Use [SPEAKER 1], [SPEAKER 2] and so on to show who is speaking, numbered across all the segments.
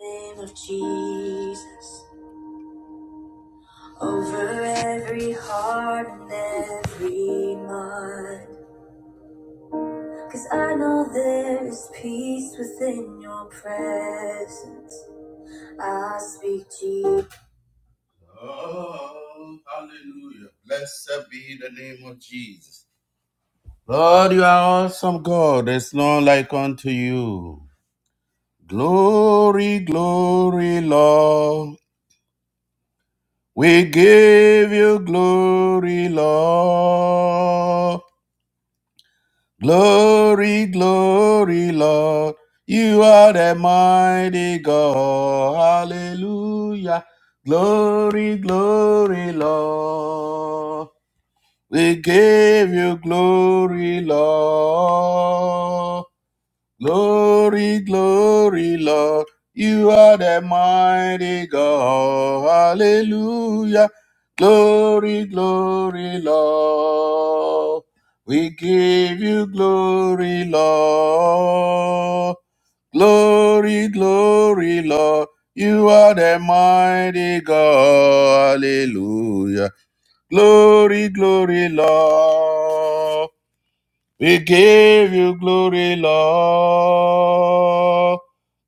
[SPEAKER 1] name of Jesus over every heart and every mind. Cause I know there is peace within your presence. I speak Jesus. Oh, hallelujah. Blessed be the name of Jesus. Lord, you are awesome God. There's none like unto you. Glory, glory, Lord. We give you glory, Lord. Glory, glory, Lord. You are the mighty God. Hallelujah. Glory, glory, Lord. We give you glory, Lord. Glory, glory, Lord. You are the mighty God. Hallelujah. Glory, glory, Lord. We give you glory, Lord. Glory, glory, Lord. You are the mighty God. Hallelujah. Glory, glory, Lord. We give you glory, Lord.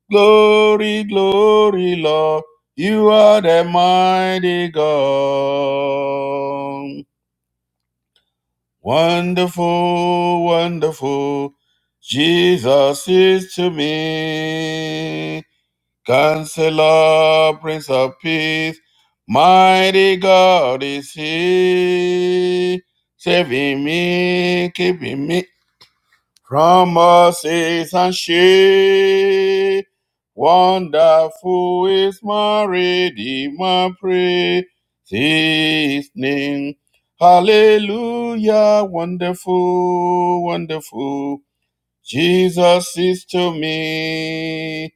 [SPEAKER 1] Glory, glory, Lord. You are the mighty God. Wonderful, wonderful. Jesus is to me. Counselor, Prince of Peace. Mighty God is He. Saving me, keeping me Promises and shade. Wonderful is my redeemer, praise his name. Hallelujah, wonderful, wonderful. Jesus is to me.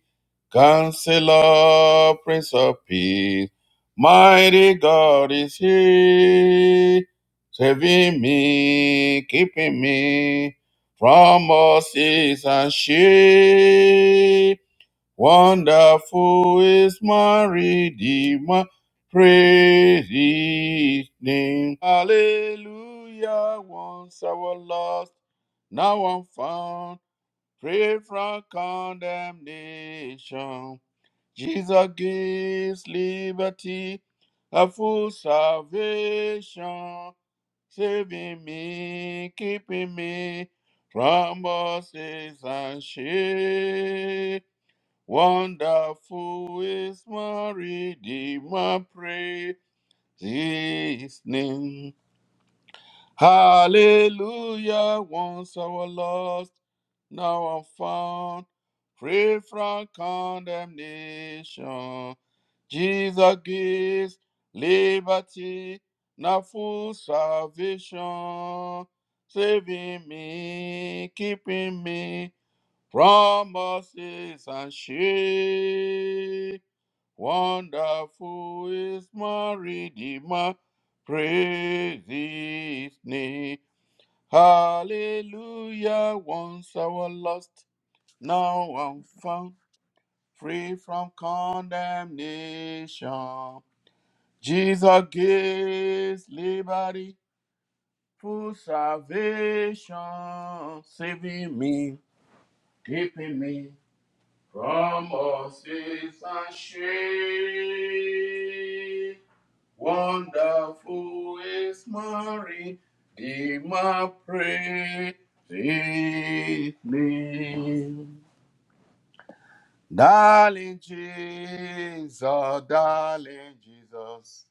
[SPEAKER 1] Counselor, Prince of Peace, mighty God is He, saving me, keeping me from all seas and shame. Wonderful is my Redeemer, praise His name. Hallelujah, once I was lost, now I'm found, free from condemnation. Jesus gives liberty, a full salvation, saving me, keeping me from bosses and shame. Wonderful is my Redeemer, praise His name. Hallelujah. Once I was lost, now I'm found, free from condemnation. Jesus gives liberty, now full salvation, saving me, keeping me promises and shame. Wonderful is my Redeemer, praise His name. Hallelujah, once I was lost, now I'm found, free from condemnation. Jesus gives liberty, full salvation, saving me, keeping me. From us is a shame. Wonderful is Mary, the my praise name. Darling Jesus, darling Jesus.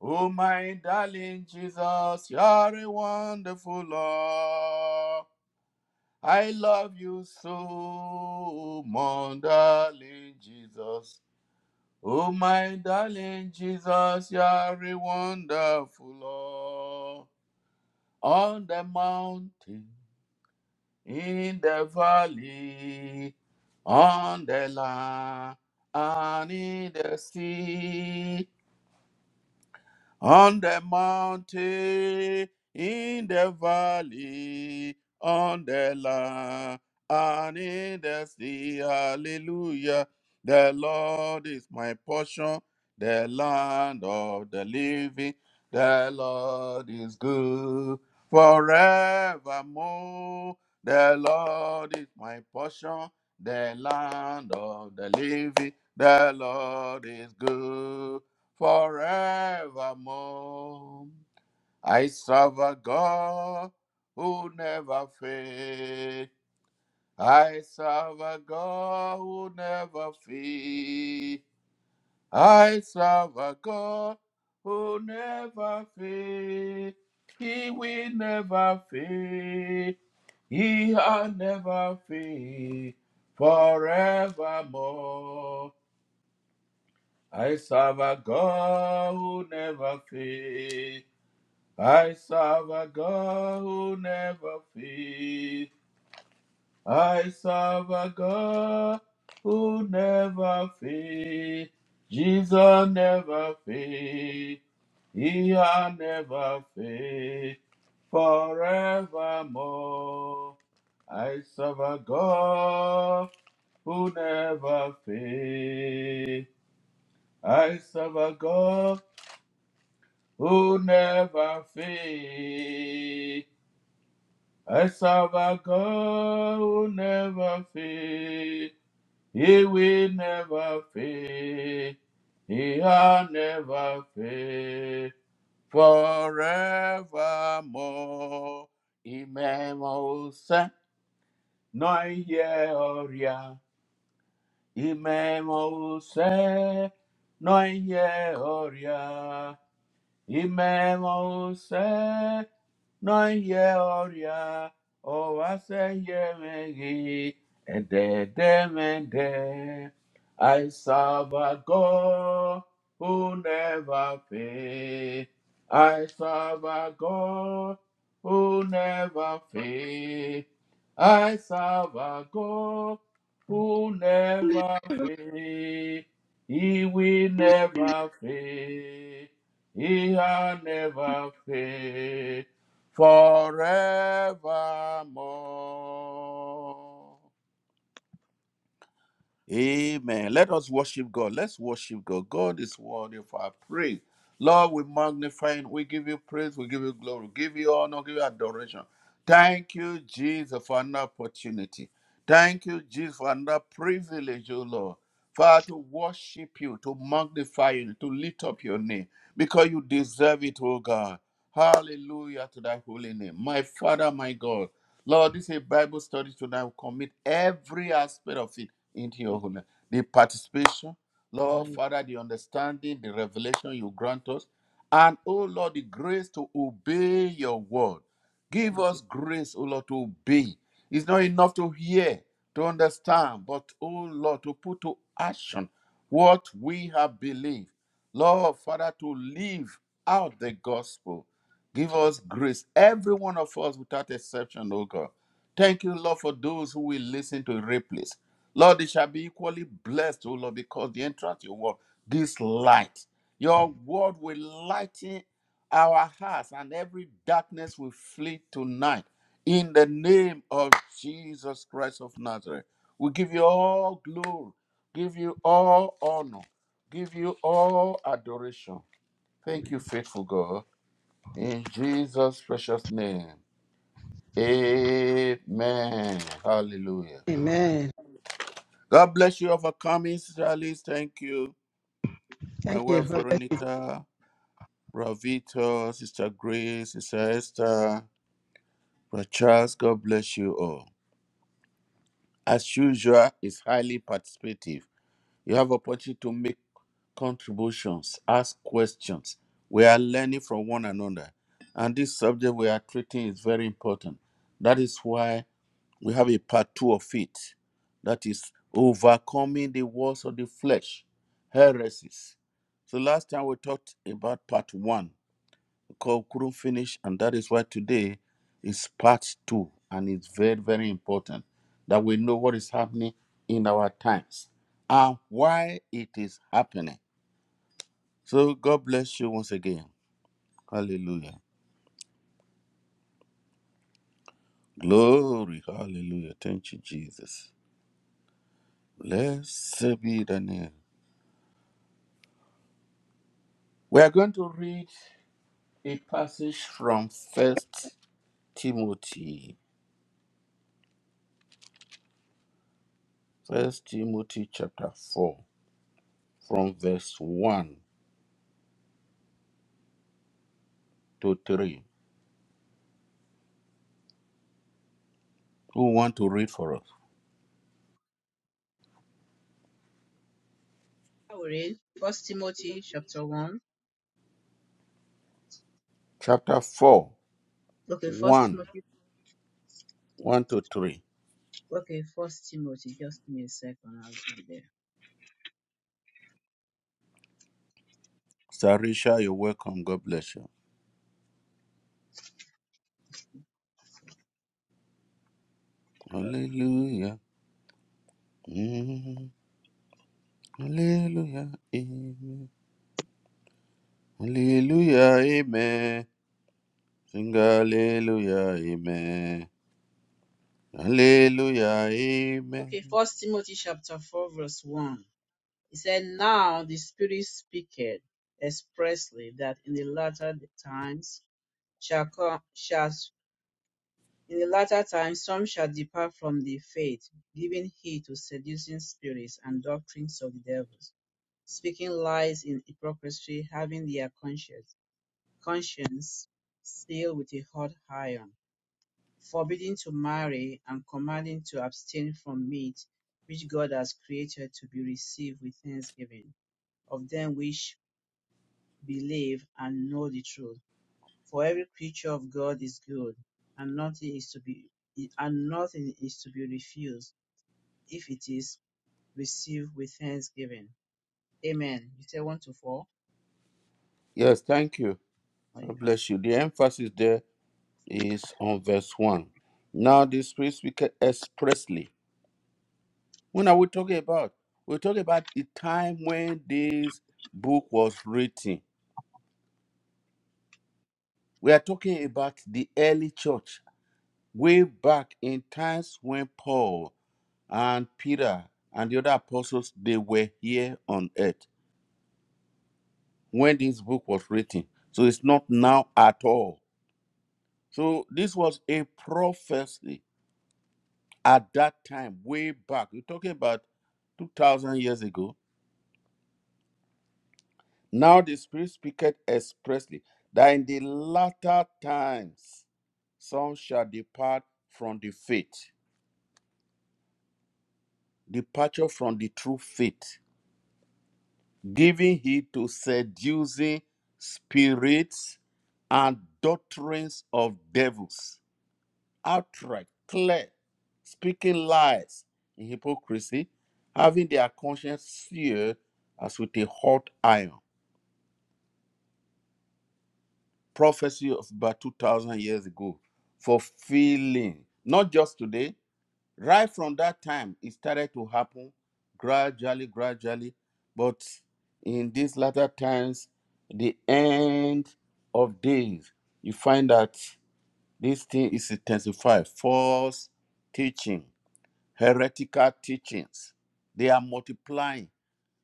[SPEAKER 1] Oh my darling Jesus, you're a wonderful Lord. I love you so, my darling Jesus. Oh, my darling Jesus, you are a wonderful Lord. On the mountain, in the valley, on the land, and in the sea. on the mountain, in the valley, on the land, and in the sea. Hallelujah. The Lord is my portion, the land of the living. The Lord is good forevermore. The Lord is my portion, the land of the living. The Lord is good forevermore. I serve a God who never fails. I serve a God who never fails. I serve a God who never fails. He will never fail. He has never fail forevermore. I serve a God who never fails. I serve a God who never fails. I serve a God who never fails. Jesus never fails. He has never failed forevermore. I serve a God who never fails. I serve a God who never fails. I serve a God who never fail. He will never fail. He will never fail. Forevermore. Imemo se noye oria. Imemo se noye oria. Imemo se no ye oria o ase ye megi ede de mende. I serve a God who never fail. I serve a God who never fail. I serve a God who never fail. He will never fail. He has never failed forevermore. Amen. Let us worship God. Let's worship God. God is worthy of our praise. Lord, we magnify and we give you praise, we give you glory, we give you honor, give you adoration. Thank you, Jesus, for another opportunity. Thank you, Jesus, for another privilege, O Lord. Father, to worship you, to magnify you, to lift up your name, because you deserve it, O God. Hallelujah to thy holy name. My Father, my God. Lord, this is a Bible study tonight. We commit every aspect of it into your holiness. The participation, Lord
[SPEAKER 2] Hallelujah.
[SPEAKER 1] Father, the understanding, the revelation you grant us, and oh Lord, the grace to obey your word. Give
[SPEAKER 2] Thank you.
[SPEAKER 1] us grace, oh Lord, to obey. It's not enough to hear, to understand, but oh Lord, to put to action what we have believed. Lord Father, to live out the gospel. Give us grace, every one of us without exception, oh God. Thank you, Lord, for those who will listen to replays. Lord, they shall be equally blessed, O Lord, because they entrust your word, this light. Your word will lighten our hearts, and every darkness will flee tonight. In the name of Jesus Christ of Nazareth, we give you all glory, give you all honor, give you all adoration. Thank you, faithful God. In Jesus' precious name. Amen. Hallelujah.
[SPEAKER 2] Amen.
[SPEAKER 1] God bless you, overcoming Israelis. Thank you. My
[SPEAKER 2] Thank you.
[SPEAKER 1] wife Veronica, Ravito, Sister Grace, Sister Esther, Brother Charles, God bless you all. As usual, it's highly participative. You have opportunity to make contributions, ask questions. We are learning from one another. And this subject we are treating is very important. That is why We have a part two of it that is overcoming the walls of the flesh, heresies. So last time we talked about part one, we couldn't finish, and that is why today is part two, and it's very, very important that we know what is happening in our times and why it is happening. So God bless you once again. Hallelujah. Glory. Hallelujah. Thank you, Jesus. Blessed be the name. We are going to read a passage from First Timothy, First Timothy chapter four, from verse one to three. Who want to read for us?
[SPEAKER 3] I will read First Timothy chapter one.
[SPEAKER 1] Chapter four,
[SPEAKER 3] Okay, First
[SPEAKER 1] one,
[SPEAKER 3] Timothy.
[SPEAKER 1] one to three.
[SPEAKER 3] Okay, First Timothy. Just give me a second. I'll be there.
[SPEAKER 1] Sarisha, you're welcome. God bless you. Hallelujah. Mm, hallelujah. Amen. Hallelujah. Amen. Sing hallelujah. Amen. Hallelujah. Amen.
[SPEAKER 3] Okay, First Timothy chapter four, verse one. It said, "Now the Spirit speaketh expressly that in the latter times shall come shall in the latter times some shall depart from the faith, giving heed to seducing spirits and doctrines of the devils, speaking lies in hypocrisy, having their conscience." Conscience, Snail with a hot iron, forbidding to marry and commanding to abstain from meat which God has created to be received with thanksgiving, of them which believe and know the truth. For every creature of God is good, and nothing is to be and nothing is to be refused if it is received with thanksgiving. Amen. You say one to four?
[SPEAKER 1] Yes, thank you.
[SPEAKER 3] Oh,
[SPEAKER 1] God
[SPEAKER 3] yeah.
[SPEAKER 1] bless you. The emphasis there is on verse 1. Now the Spirit speaks expressly. When are we talking about? We're talking about the time when this book was written. We are talking about the early church, way back in times when Paul and Peter and the other apostles they were here on earth when this book was written. So it's not now at all. So this was a prophecy at that time, way back, you're talking about 2,000 years ago. Now the Spirit speaketh expressly that in the latter times some shall depart from the faith, departure from the true faith, giving heed to seducing spirits and doctrines of devils outright, clear, speaking lies in hypocrisy, having their conscience seared as with a hot iron. Prophecy of about 2,000 years ago, fulfilling, not just today, right from that time, it started to happen gradually, gradually, but in these latter times, the end of days, you find that this thing is intensified, false teaching heretical teachings. They are multiplying.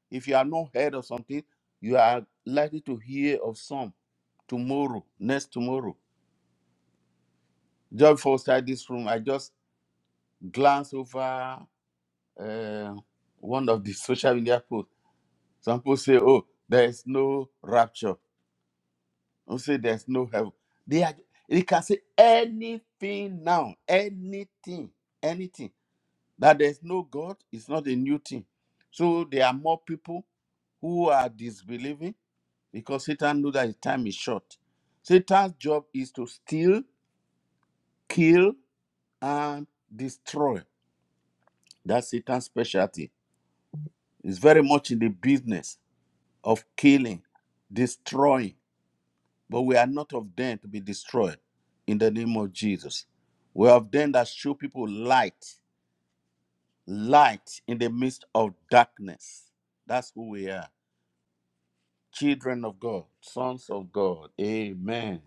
[SPEAKER 1] If you have not heard of something, you are likely to hear of some tomorrow, next tomorrow. Just before I start this room, I just glanced over uh, one of the social media posts. Some people say, "Oh, there is no rapture." Some say there is no heaven. They are. They can say anything now, anything, anything. that there's no God is not a new thing. So there are more people who are disbelieving because Satan knows that his time is short. Satan's job is to steal, kill, and destroy. That's Satan's specialty. It's very much in the business of killing, destroying. But we are not of them to be destroyed in the name of Jesus. We are of them that show people light, light in the midst of darkness. That's who we are. children of God, sons of God. Amen.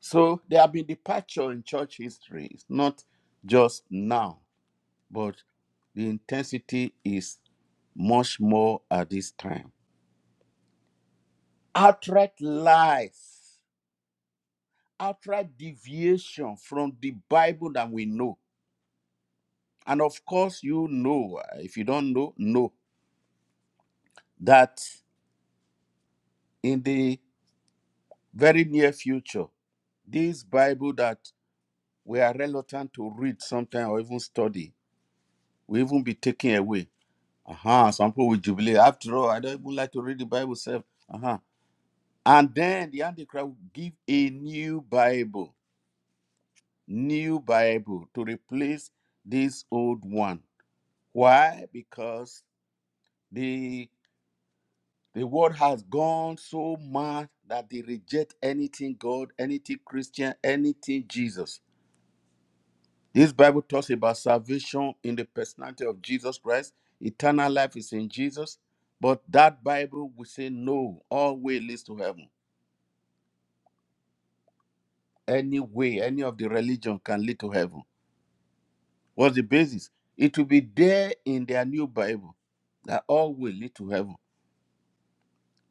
[SPEAKER 1] So there have been departure in church history. It's not just now, but the intensity is much more at this time. Outright lies, outright deviation from the Bible that we know. And of course, you know, uh, if you don't know, know that in the very near future, this Bible that we are reluctant to read sometimes or even study will even be taken away. Uh-huh. Some people will jubilate. After all, I don't even like to read the Bible self. Uh-huh. And then the Antichrist will give a new Bible, new Bible to replace this old one. Why? Because the the world has gone so mad that they reject anything God, anything Christian, anything Jesus This Bible talks about salvation in the personality of Jesus Christ. Eternal life is in Jesus. But that Bible will say no, all way leads to heaven. Any way, any of the religion can lead to heaven. What's the basis? It will be there in their new Bible that all will lead to heaven.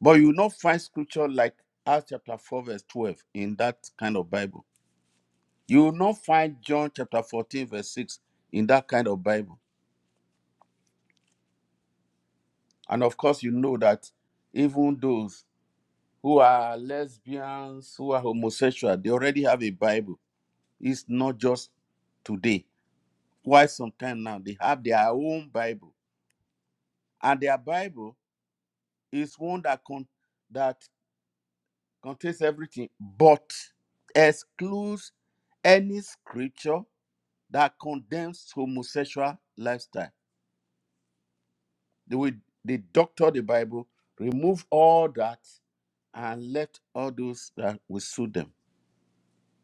[SPEAKER 1] But you will not find scripture like Acts chapter 4, verse 12 in that kind of Bible. You will not find John chapter 14, verse 6 in that kind of Bible. And of course, you know that even those who are lesbians, who are homosexual, they already have a Bible. It's not just today. Quite some time now, they have their own Bible, and their Bible is one that con- that contains everything, but excludes any scripture that condemns homosexual lifestyle. They will they doctor the Bible, remove all that, and let all those that will suit them.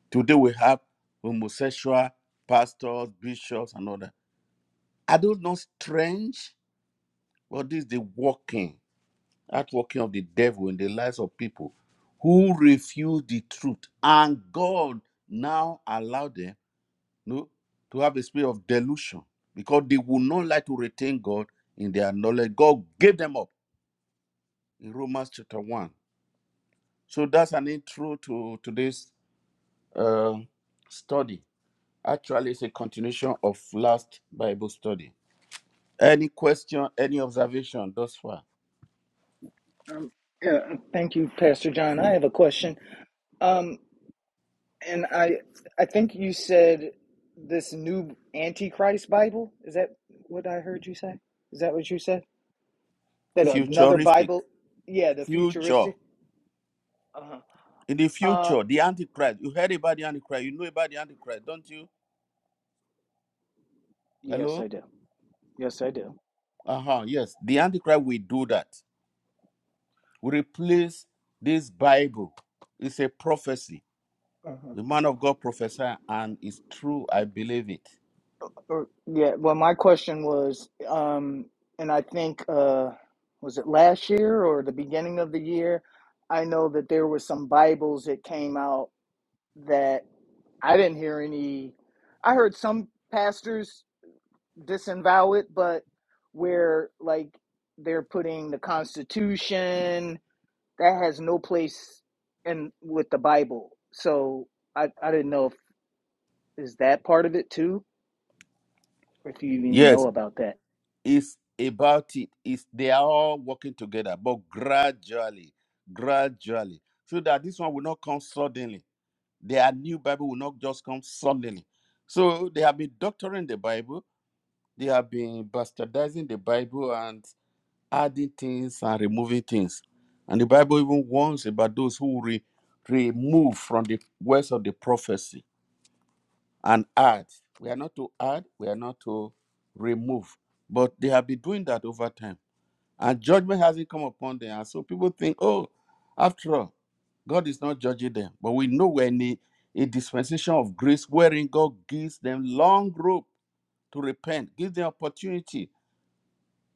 [SPEAKER 1] Today we have homosexual pastors, bishops, and other. Are those not strange? But this is the working, outworking of the devil in the lives of people who refuse the truth. And God now allowed them no, to have a spirit of delusion because they would not like to retain God in their knowledge. God gave them up in Romans chapter 1. So that's an intro to today's uh, study. Actually, it's a continuation of last Bible study. Any question, any observation thus far?
[SPEAKER 4] Um, yeah, thank you, Pastor John. I have a question. Um, and I, I think you said this new Antichrist Bible. Is that what I heard you say? Is that what you said? That another
[SPEAKER 1] Futuristic.
[SPEAKER 4] Bible? Yeah, the
[SPEAKER 1] Future.
[SPEAKER 4] futuristic. Uh-huh.
[SPEAKER 1] In the
[SPEAKER 4] Uh,
[SPEAKER 1] future, the Antichrist. You heard about the Antichrist. You know about the Antichrist, don't you?
[SPEAKER 4] yes,
[SPEAKER 1] Hello?
[SPEAKER 4] I do. Yes, I do.
[SPEAKER 1] Uh huh. Yes. The Antichrist will do that. We replace this Bible. It's a prophecy.
[SPEAKER 4] Uh-huh.
[SPEAKER 1] The man of God prophesied, and it's true. I believe it.
[SPEAKER 4] Or, yeah. Well, my question was, um, and I think uh, was it last year or the beginning of the year? I know that there were some Bibles that came out that I didn't hear any. I heard some pastors disavow it, but where like they're putting the Constitution that has no place in with the Bible. So I I didn't know if is that part of it too, or if you even know
[SPEAKER 1] Yes.
[SPEAKER 4] about that.
[SPEAKER 1] It's about it. It's they are all working together, but gradually, gradually, so that this one will not come suddenly. Their new Bible will not just come suddenly. So they have been doctoring the Bible, they have been bastardizing the Bible and adding things and removing things. And the Bible even warns about those who re- remove from the words of the prophecy and add. We are not to add, we are not to remove. But they have been doing that over time and judgment hasn't come upon them. And so people think, oh, after all, God is not judging them. But we know we're in a, a dispensation of grace wherein God gives them long rope to repent, gives them opportunity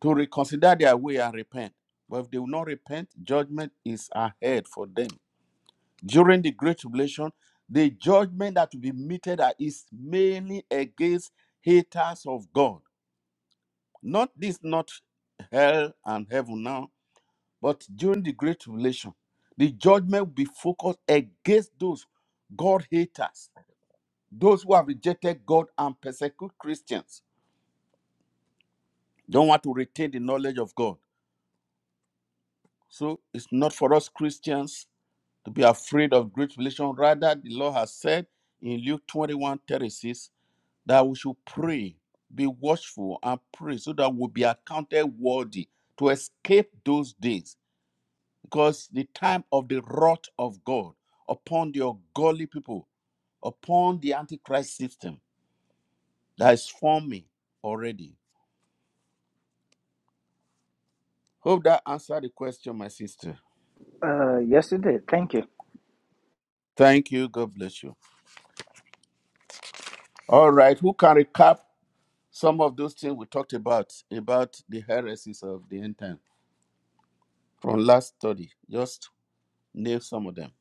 [SPEAKER 1] to reconsider their way and repent. But if they will not repent, judgment is ahead for them. During the Great Tribulation, the judgment that will be meted at is mainly against haters of God. Not this, not hell and heaven now But during the Great Tribulation, the judgment will be focused against those God haters, those who have rejected God and persecute Christians, don't want to retain the knowledge of God. So it's not for us Christians to be afraid of Great Tribulation. Rather, the Lord has said in Luke 21 36 that we should pray, be watchful, and pray so that we'll be accounted worthy to escape those days because the time of the wrath of God upon the ungodly people, upon the Antichrist system that is forming already. Hope that answered the question, my sister.
[SPEAKER 4] Uh, yes, it did. Thank you.
[SPEAKER 1] Thank you. God bless you. All right. Who can recap some of those things we talked about, about the heresies of the end time from last study? Just name some of them.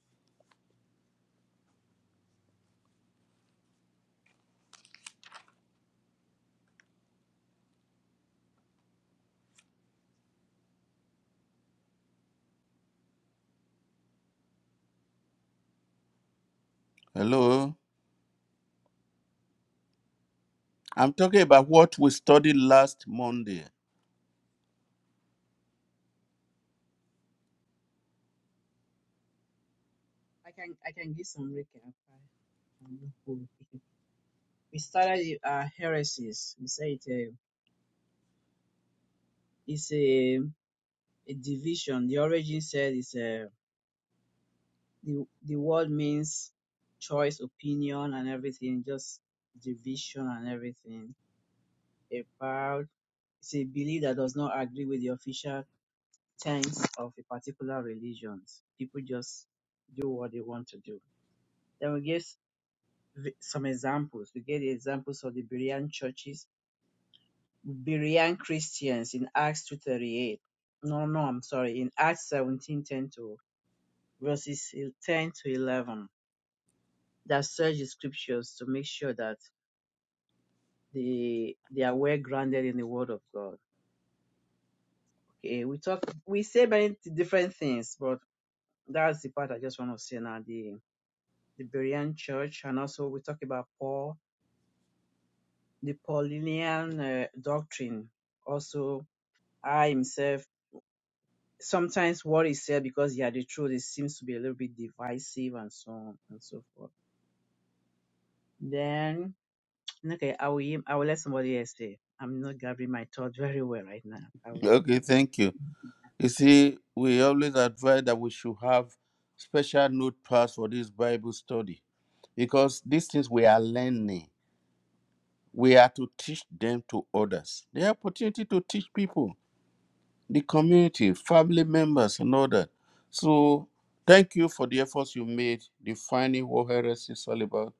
[SPEAKER 1] Hello. I'm talking about what we studied last Monday.
[SPEAKER 3] I can I can give some recap. we started uh, heresies. We say it, uh, it's a, a division. The origin said it's a, the, the word means choice, opinion, and everything, just division and everything. About it's a belief that does not agree with the official tenets of a particular religion. People just do what they want to do. Then we gave s- v- some examples. We gave the examples of the Berean churches Berean Christians in Acts 2.38. No, no, I'm sorry. In Acts 17.10 to verses 10 to 11 that search the scriptures to make sure that they, they are well grounded in the word of God. Okay, we talk, we say many different things, but that's the part I just want to say now. The, the Berean church, and also we talk about Paul, the Pauline uh, doctrine. Also, I himself sometimes what is said because yeah the truth it seems to be a little bit divisive and so on and so forth then okay i will i will let somebody else say i'm not gathering my thought very well right now i will
[SPEAKER 1] Okay. Thank you. You see, we always advise that we should have special notepads for this Bible study because these things we are learning, we are to teach them to others. The opportunity to teach people, the community, family members, and all that. So, thank you for the efforts you made defining what heresy is all about.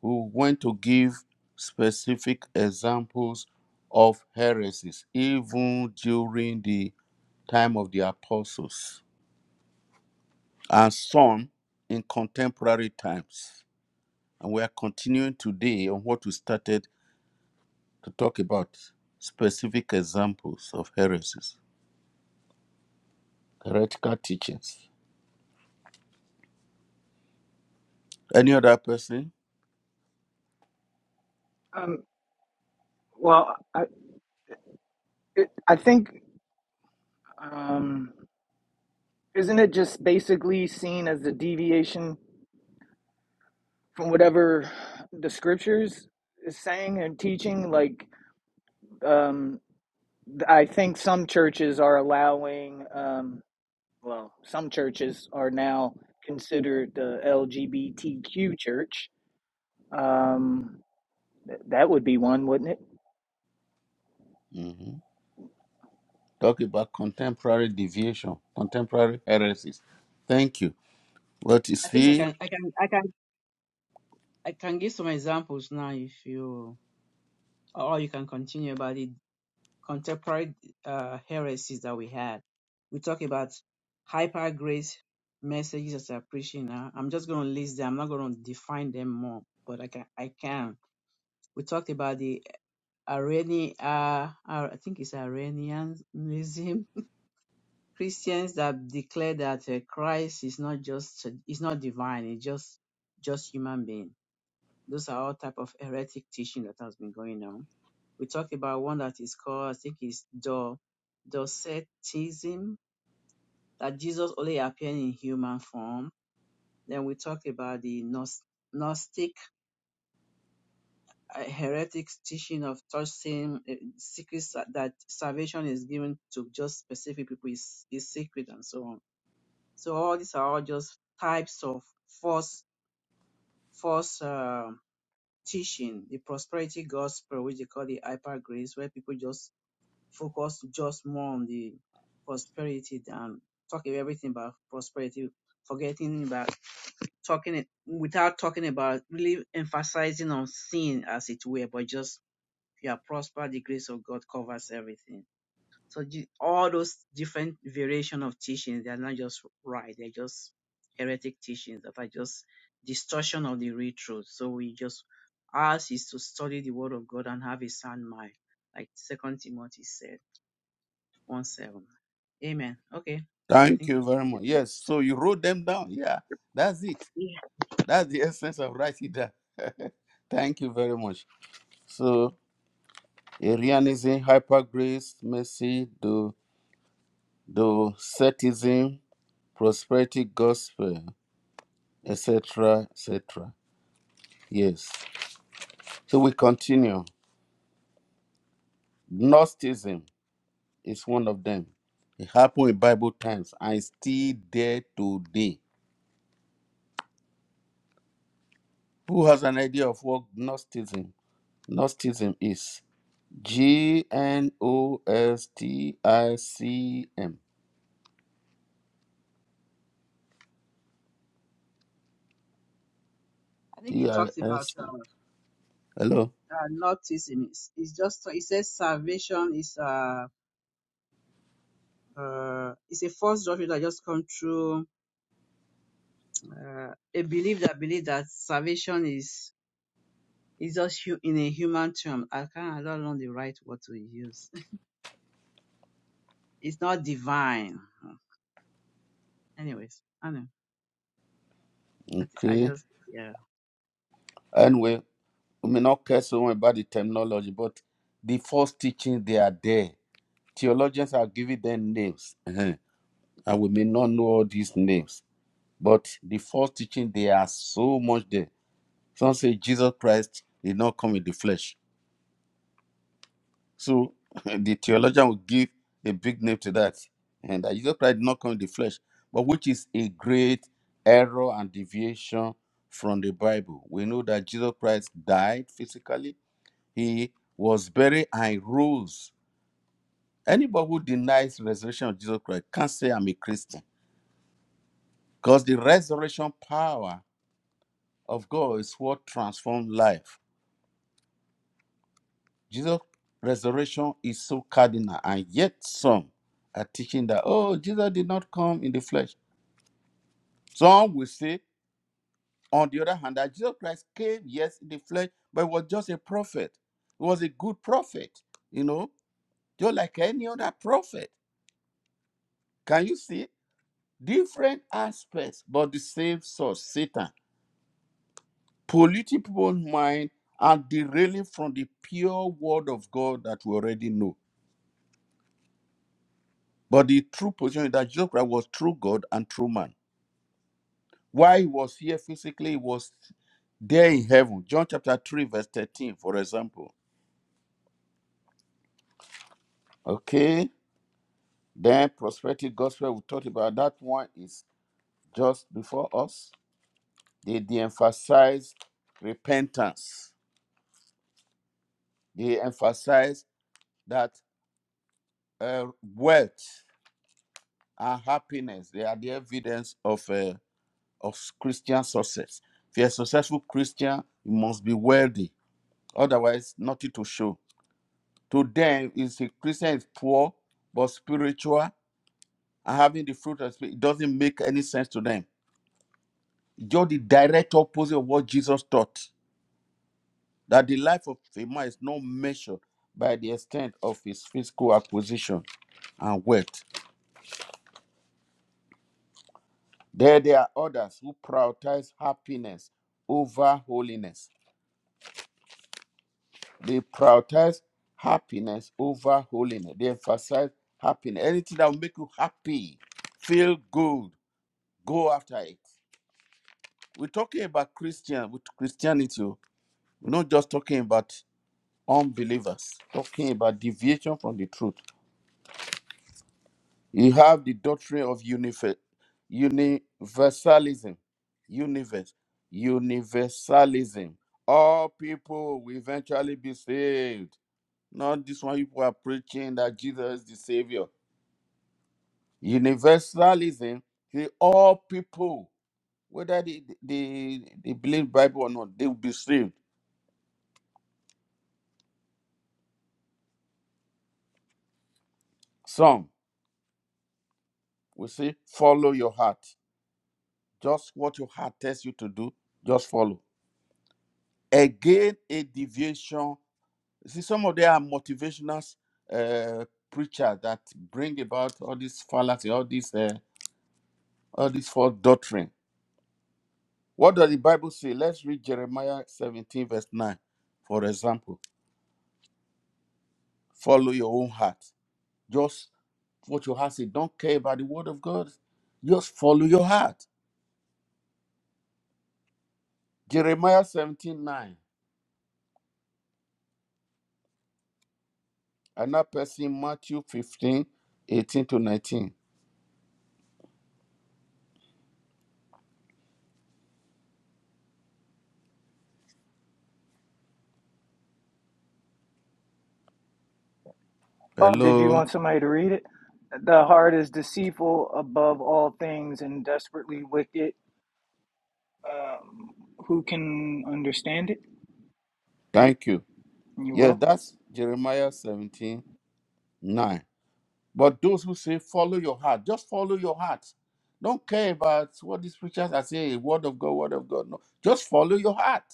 [SPEAKER 1] We went to give specific examples of heresies, even during the time of the apostles and some in contemporary times. And we are continuing today on what we started to talk about specific examples of heresies, heretical teachings. Any other person?
[SPEAKER 4] Um, well, I it, I think um, isn't it just basically seen as a deviation? from whatever the scriptures is saying and teaching like um i think some churches are allowing um well some churches are now considered the lgbtq church um th- that would be one wouldn't it
[SPEAKER 1] Mhm. Talk about contemporary deviation, contemporary heresies. Thank you. What you
[SPEAKER 3] i think i
[SPEAKER 1] see?
[SPEAKER 3] can i can i can i can give some examples now if you or you can continue about the contemporary uh heresies that we had we talk about hyper grace messages as are preaching now i'm just going to list them i'm not going to define them more but i can i can we talked about the Irene, uh, I think it's Iranianism, Christians that declare that uh, Christ is not just, is not divine, it's just, just human being. Those are all type of heretic teaching that has been going on. We talked about one that is called, I think it's Do, Docetism, that Jesus only appeared in human form. Then we talked about the Gnos- Gnostic uh, heretics teaching of touching uh, secrets that that salvation is given to just specific people is, is secret and so on. So all these are all just types of false false uh, teaching. The prosperity gospel, which they call the hyper grace, where people just focus just more on the prosperity than talk about everything about prosperity, forgetting about talking it without talking about really emphasizing on sin as it were, but just you are prospered, the grace of God covers everything. So the, all those different variation of teachings, they are not just right, they're just heretic teachings that are just distortion of the real truth. So we just ask is to study the word of God and have a sound mind, like Second Timothy said, one seven. Amen. Okay. I
[SPEAKER 1] Thank
[SPEAKER 3] think
[SPEAKER 1] you
[SPEAKER 3] I'll
[SPEAKER 1] very
[SPEAKER 3] read
[SPEAKER 1] much. Yes,
[SPEAKER 3] that.
[SPEAKER 1] so you wrote them down. Yeah, that's it.
[SPEAKER 3] Yeah.
[SPEAKER 1] That's the essence of writing down. Thank you very much. So, Arianism, hypergrace, mercy, the the Cetism, Prosperity Gospel, etc., etc. Yes. So we continue. Gnosticism is one of them. It happened in Bible times and is still there today. Who has an idea of what Gnosticism, Gnosticism is? G N O S T I C M.
[SPEAKER 3] I think he
[SPEAKER 1] T I
[SPEAKER 3] talks about
[SPEAKER 1] S M.
[SPEAKER 3] uh,
[SPEAKER 1] Hello.
[SPEAKER 3] uh, Nazism. It's, it's just, he says salvation is uh, uh, it's a false doctrine that just come through uh, a belief that believe that salvation is is just hu- in a human term. I can't I don't know the right word to use. It's not divine. Anyways, I know. I, thi- I
[SPEAKER 1] Okay.
[SPEAKER 3] just yeah.
[SPEAKER 1] Anyway, we may not care so much about the terminology, but the false teaching they are there Theologians are giving them names, uh-huh, and we may not know all these names, but the false teaching they are so much there. Some say Jesus Christ did not come in the flesh, so the theologian will give a big name to that, and that Jesus Christ did not come in the flesh, but which is a great error and deviation from the Bible. We know that Jesus Christ died physically; he was buried and rose. Anybody who denies the resurrection of Jesus Christ can't say I'm a Christian Because the resurrection power of God is what transforms life. Jesus' resurrection is so cardinal, and yet some are teaching that, oh, Jesus did not come in the flesh. Some will say, on the other hand, that Jesus Christ came, yes, in the flesh, but he was just a prophet. He was a good prophet, you know, just like any other prophet. Can you see? Different aspects, but the same source, Satan. polluting people's mind and derailing from the pure word of God that we already know. But the true position is that Jesus Christ was true God and true man. Why he was here physically, he was there in heaven. John chapter 3, verse 13, for example. Okay. Then prosperity gospel, we talked about that one is just before us. They de emphasize repentance. They emphasize that uh, wealth and happiness, they are the evidence of uh, of Christian success. If you're a successful Christian, you must be wealthy, otherwise, nothing to show. To them, if a Christian is poor but spiritual and having the fruit of spirit, it doesn't make any sense to them. You're the direct opposite of what Jesus taught. That the life of a man is not measured by the extent of his physical acquisition and wealth. There, there are others who prioritize happiness over holiness They prioritize happiness over holiness. They emphasize happiness. Anything that will make you happy, feel good, go after it. We're talking about Christian with Christianity. oh. We're not just talking about unbelievers, talking about deviation from the truth. You have the doctrine of unife- universalism. Universe. Universalism. All people will eventually be saved Not this one people are preaching that Jesus is the Savior. Universalism, the all people, whether they, they, they believe Bible or not, they will be saved. Some will say, follow your heart. Just what your heart tells you to do, just follow. Again, a deviation. See, some of them are motivational uh, preachers that bring about all this fallacy, all this, uh, all this false doctrine What does the Bible say? Let's read Jeremiah 17, verse 9, for example. Follow your own heart. Just what your heart says. Don't care about the word of God. Just follow your heart. Jeremiah 17, 9. Another person, Matthew 15, 18 to 19.
[SPEAKER 4] oh did you
[SPEAKER 1] Hello.
[SPEAKER 4] want somebody to read it the heart is deceitful above all things and desperately wicked um who can understand it
[SPEAKER 1] Thank you.
[SPEAKER 4] you're
[SPEAKER 1] Yes,
[SPEAKER 4] welcome
[SPEAKER 1] that's Jeremiah 17, 9. But those who say, follow your heart, just follow your heart. Don't care about what these preachers are saying, word of God, word of God. No, just follow your heart.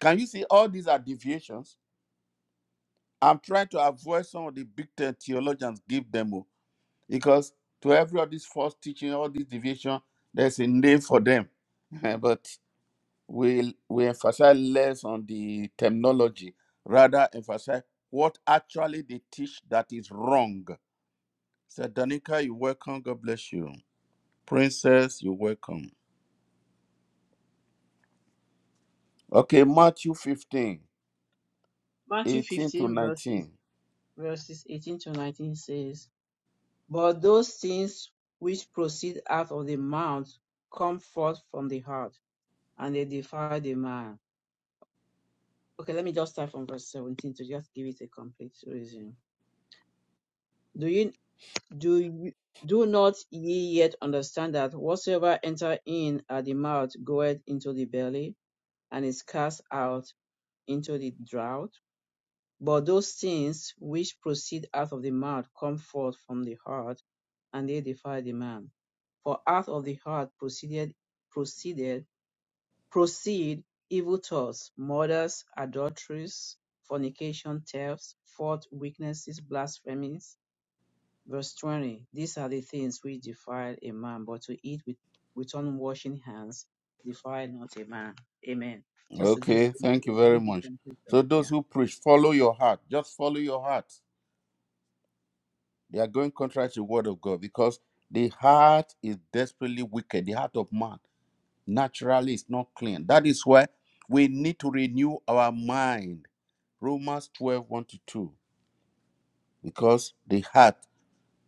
[SPEAKER 1] Can you see all these are deviations? I'm trying to avoid some of the big the- theologians give them o, because to every of these false teaching, all these deviation, there's a name for them. but we we emphasize less on the terminology, rather emphasize what actually they teach that is wrong. So Danica, you're welcome. God bless you. Princess, you're welcome. Okay, Matthew 15,
[SPEAKER 3] Matthew
[SPEAKER 1] 18 to
[SPEAKER 3] 15 verses
[SPEAKER 1] 19.
[SPEAKER 3] verses 18 to 19 says, "But those things which proceed out of the mouth come forth from the heart, and they defile the man." Okay, let me just start from verse 17 to just give it a complete reason. Do you Do you, do not ye yet understand that whatsoever enter in at the mouth goeth into the belly, and is cast out into the drought? But those things which proceed out of the mouth come forth from the heart, and they defile the man. For out of the heart proceeded proceeded proceed evil thoughts, murders, adulteries, fornication, thefts, false witnesses, blasphemies Verse 20 These are the things which defile a man, but to eat with, with unwashing hands defile not a man. Amen. Just to give the
[SPEAKER 1] Okay, thank
[SPEAKER 3] complete-
[SPEAKER 1] you very
[SPEAKER 3] give the
[SPEAKER 1] much.
[SPEAKER 3] complete
[SPEAKER 1] So
[SPEAKER 3] of
[SPEAKER 1] those
[SPEAKER 3] yeah.
[SPEAKER 1] who preach, follow your heart. Just follow your heart. They are going contrary to the word of God because the heart is desperately wicked. The heart of man naturally is not clean. That is why we need to renew our mind. Romans twelve one to 2. Because the heart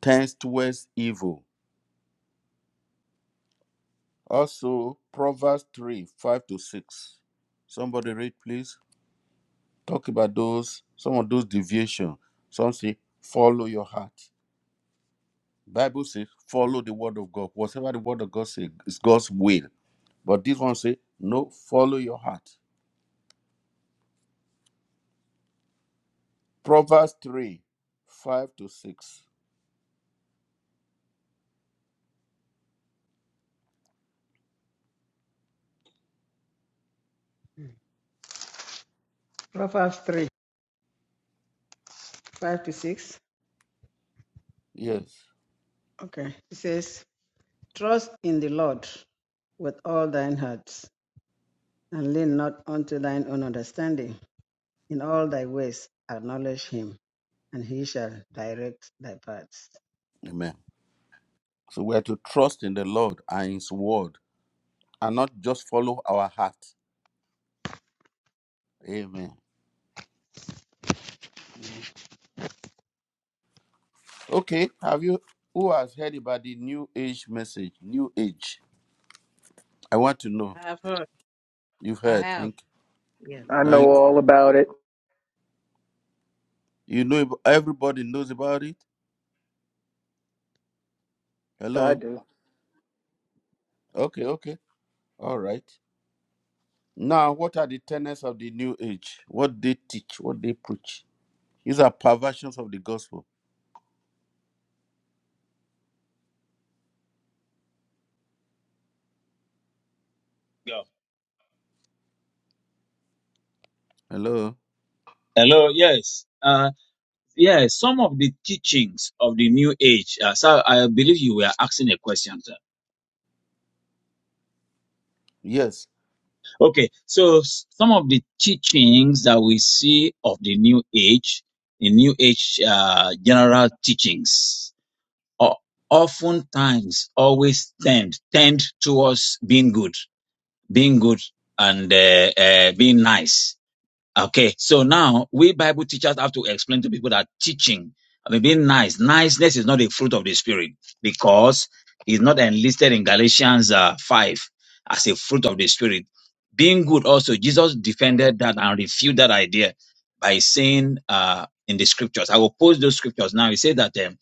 [SPEAKER 1] tends towards evil. Also, Proverbs 3, 5 to 6. Somebody read, please. talk about those some of those deviation some say follow your heart bible says follow the word of god whatever the word of god says is god's will but this one say no follow your heart proverbs 3 5 to 6
[SPEAKER 2] Proverbs 3 5 to 6.
[SPEAKER 1] yes
[SPEAKER 2] Okay. It says, Trust in the Lord with all thine heart, and lean not unto thine own understanding. In all thy ways acknowledge him, and he shall direct thy paths.
[SPEAKER 1] amen so we are to trust in the lord and his word and not just follow our heart amen okay have you who has heard about the new age message new age i want to know
[SPEAKER 3] I have heard.
[SPEAKER 1] you've
[SPEAKER 3] I
[SPEAKER 1] heard
[SPEAKER 3] have.
[SPEAKER 1] thank you.
[SPEAKER 3] Yes.
[SPEAKER 4] i know
[SPEAKER 1] Thank
[SPEAKER 4] all about it
[SPEAKER 1] You know, ab- everybody knows about it.
[SPEAKER 4] i
[SPEAKER 1] Hello.
[SPEAKER 4] do
[SPEAKER 1] Okay, okay. All right. Now, what are the tenets of the new age? What they teach, what they preach. These are perversions of the gospel.
[SPEAKER 5] Go.
[SPEAKER 1] Hello.
[SPEAKER 5] Hello. Yes. Uh, yeah. Some of the teachings of the New Age. Uh, so I believe you were asking a question. Sir.
[SPEAKER 1] Yes.
[SPEAKER 5] Okay. So s- some of the teachings that we see of the New Age, the New Age uh, general teachings, o- oftentimes always tend tend towards being good, being good, and uh, uh, being nice. Okay, so now we Bible teachers have to explain to people that teaching, I mean, being nice, niceness is not a fruit of the spirit because it's not enlisted in Galatians uh, 5 as a fruit of the spirit. Being good also, Jesus defended that and refuted that idea by saying uh, in the scriptures, I will post those scriptures now. He said that um,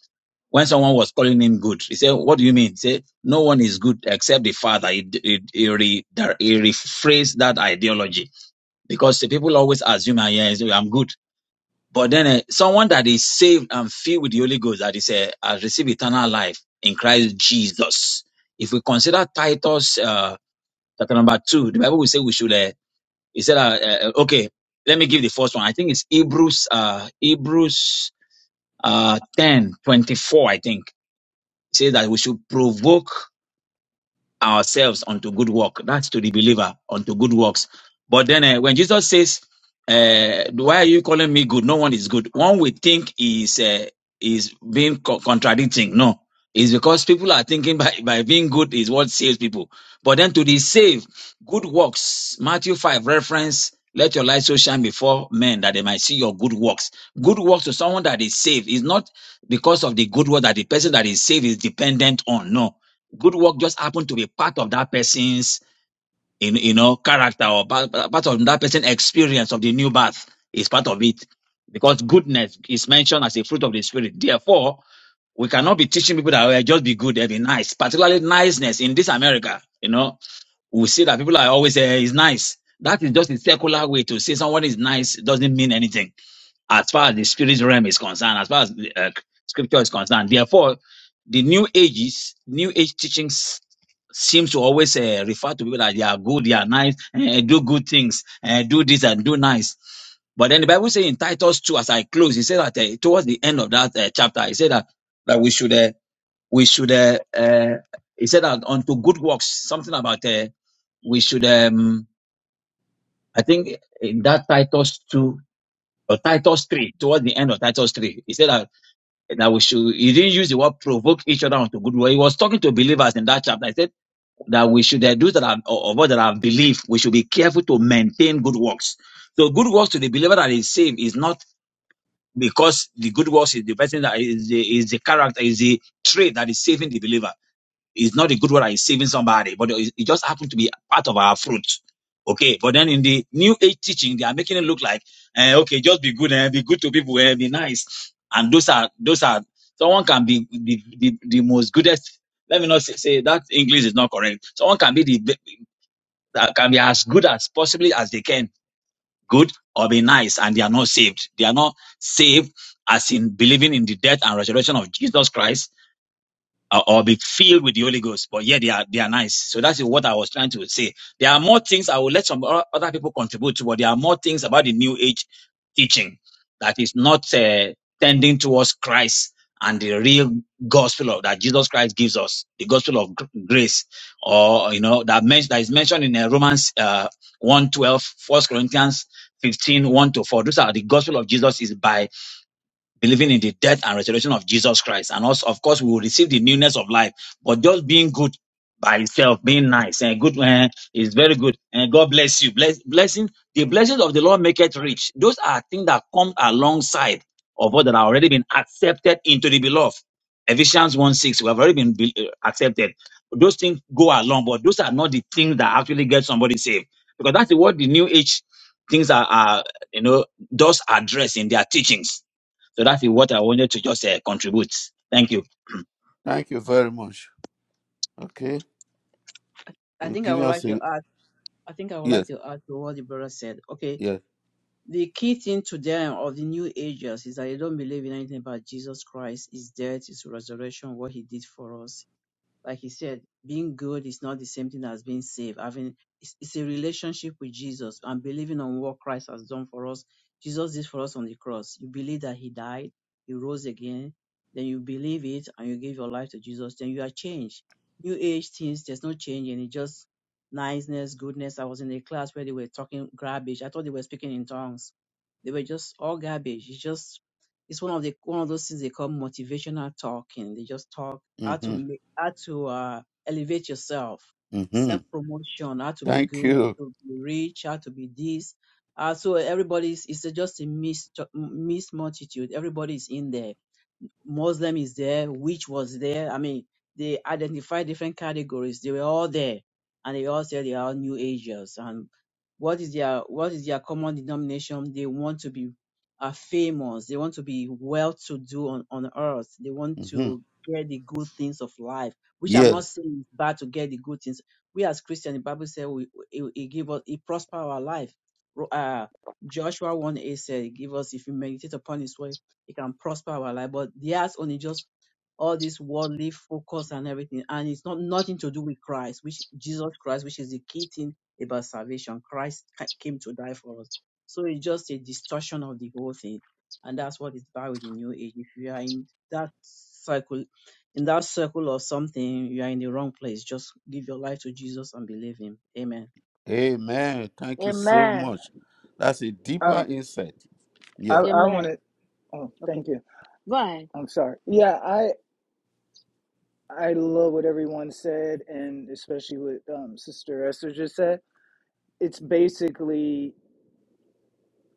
[SPEAKER 5] when someone was calling him good, he said, What do you mean? He said, No one is good except the Father. He, he, he, re, he rephrased that ideology because the people always assume, "Ah, yes, I'm good. But then eh, someone that is saved and filled with the Holy Ghost, that is, uh, has received eternal life in Christ Jesus. If we consider Titus uh, chapter number two, the Bible will say we should. Uh, he said, uh, uh, "Okay, let me give the first one. I think it's Hebrews, uh, Hebrews uh, ten twenty four. I think it says that we should provoke." ourselves unto good work. That's to the believer unto good works. But then eh, when Jesus says, uh, "Why are you calling me good? No one is good." One would think is uh, is being co- contradicting. No, it's because people are thinking by by being good is what saves people. But then to the saved, good works. Matthew five reference. Let your light so shine before men that they might see your good works. Good works to someone that is saved is not because of the good work that the person that is saved is dependent on. No, good work just happened to be part of that person's in you know character or part, part of that person's experience of the new birth is part of it because goodness is mentioned as a fruit of the spirit therefore we cannot be teaching people that "Oh, just be good and be nice particularly niceness in this america you know we see that people are always uh, is nice that is just a secular way to say someone is nice doesn't mean anything as far as the spirit realm is concerned, as far as uh, scripture is concerned. Therefore, the new ages, new age teachings seems to always uh, refer to people that they are good, they are nice, eh, eh, do good things, eh, do this and do nice. But then the Bible says in Titus 2, as I close, it says that eh, towards the end of that eh, chapter, it said that, that we should, uh, we should, uh, uh, it said that unto good works, something about uh, we should, um, I think in that Titus 2, or Titus 3, towards the end of Titus 3, he said that, that we should, he didn't use the word provoke each other unto good work. He was talking to believers in that chapter. He said that we should, uh, those that are, of us that have believed, we should be careful to maintain good works. So good works to the believer that is saved is not because the good works is the person that is the, is the character, is the trait that is saving the believer it's not a good word that is saving somebody, but it it just happened to be part of our fruit. Okay, but then in the new age teaching, they are making it look like, eh, okay, just be good eh? be good to people, eh, be nice. And those are those are someone can be the, the, the most goodest. Let me not say, say that English is not correct. Someone can be the be- that can be as good as possibly as they can, good or be nice, and they are not saved. They are not saved as in believing in the death and resurrection of Jesus Christ uh, or be filled with the Holy Ghost. But yeah, they are they are nice. So that's what I was trying to say. There are more things I will let some o- other people contribute to, but there are more things about the New Age teaching that is not uh, tending towards Christ and the real gospel of that Jesus Christ gives us, the gospel of gr- grace, or you know that men- that is mentioned in uh, Romans uh, 1 twelve, First Corinthians fifteen one to 4. Those are the gospel of Jesus is by believing in the death and resurrection of Jesus Christ. And also, of course, we will receive the newness of life. But just being good by itself, being nice and good eh, is very good. And God bless you. Bless, blessing, the blessings of the Lord make it rich. Those are things that come alongside of what that have already been accepted into the beloved. Ephesians 1 6, we have already been be- eh, accepted. Those things go along, but those are not the things that actually get somebody saved. Because that's what the new age things are, are you know, does address in their teachings so that is what I wanted to just uh, contribute. Thank you.
[SPEAKER 1] Thank you very much. Okay.
[SPEAKER 3] I
[SPEAKER 1] You're
[SPEAKER 3] think I
[SPEAKER 1] giving
[SPEAKER 3] would
[SPEAKER 1] us
[SPEAKER 3] like to
[SPEAKER 1] a
[SPEAKER 3] add. I think I would like
[SPEAKER 1] yes.
[SPEAKER 3] to add to what the brother said. Okay.
[SPEAKER 1] Yes.
[SPEAKER 3] The key thing to them of the New Agers is that they don't believe in anything about Jesus Christ, His death, His resurrection, what He did for us Like he said, being good is not the same thing as being saved. Having it's, it's a relationship with Jesus and believing on what Christ has done for us. Jesus did for us on the cross. You believe that he died, he rose again, then you believe it and you give your life to Jesus, then you are changed. New age things, there's no change and it just niceness, goodness. I was in a class where they were talking garbage. I thought they were speaking in tongues. They were just all garbage. It's just it's one of the one of those things they call motivational talking. They just talk how to
[SPEAKER 1] Mm-hmm.
[SPEAKER 3] make, how to uh, elevate yourself,
[SPEAKER 1] Mm-hmm.
[SPEAKER 3] self promotion, how to be
[SPEAKER 1] Thank
[SPEAKER 3] good,
[SPEAKER 1] you.
[SPEAKER 3] how to be rich, how to be this. Uh, so everybody's it's a- just a mixed mixed multitude. Everybody's in there. Muslim is there, witch was there. I mean, they identified different categories. They were all there, and they all said they are all New agers. And what is their what is their common denomination? They want to be uh, famous. They want to be well-to-do on on earth. They want
[SPEAKER 1] Mm-hmm.
[SPEAKER 3] to get the good things of life, which I'm not
[SPEAKER 1] Yes.
[SPEAKER 3] saying is bad to get the good things. We as Christians, the Bible says we it, it give us it prosper our life. Ro- Uh, Joshua 1 8 said, Give us if we meditate upon his word he can prosper our life. But theirs only just all this worldly focus and everything. And it's not nothing to do with Christ, which Jesus Christ, which is the key thing about salvation. Christ ca- came to die for us. So it's just a distortion of the whole thing. And that's what is bad with the new age. If you are in that circle, in that circle of something, you are in the wrong place. Just give your life to Jesus and believe him. Amen.
[SPEAKER 1] Amen. Thank you so
[SPEAKER 6] Amen.
[SPEAKER 1] much. That's a
[SPEAKER 4] Um.
[SPEAKER 1] deeper insight.
[SPEAKER 4] I
[SPEAKER 1] Yeah.
[SPEAKER 4] I
[SPEAKER 6] Amen.
[SPEAKER 4] wanted. Oh,
[SPEAKER 6] Okay.
[SPEAKER 4] thank you.
[SPEAKER 6] Go ahead.
[SPEAKER 4] I'm sorry. Yeah, I I love what everyone said, and especially what um, Sister Esther just said. It's basically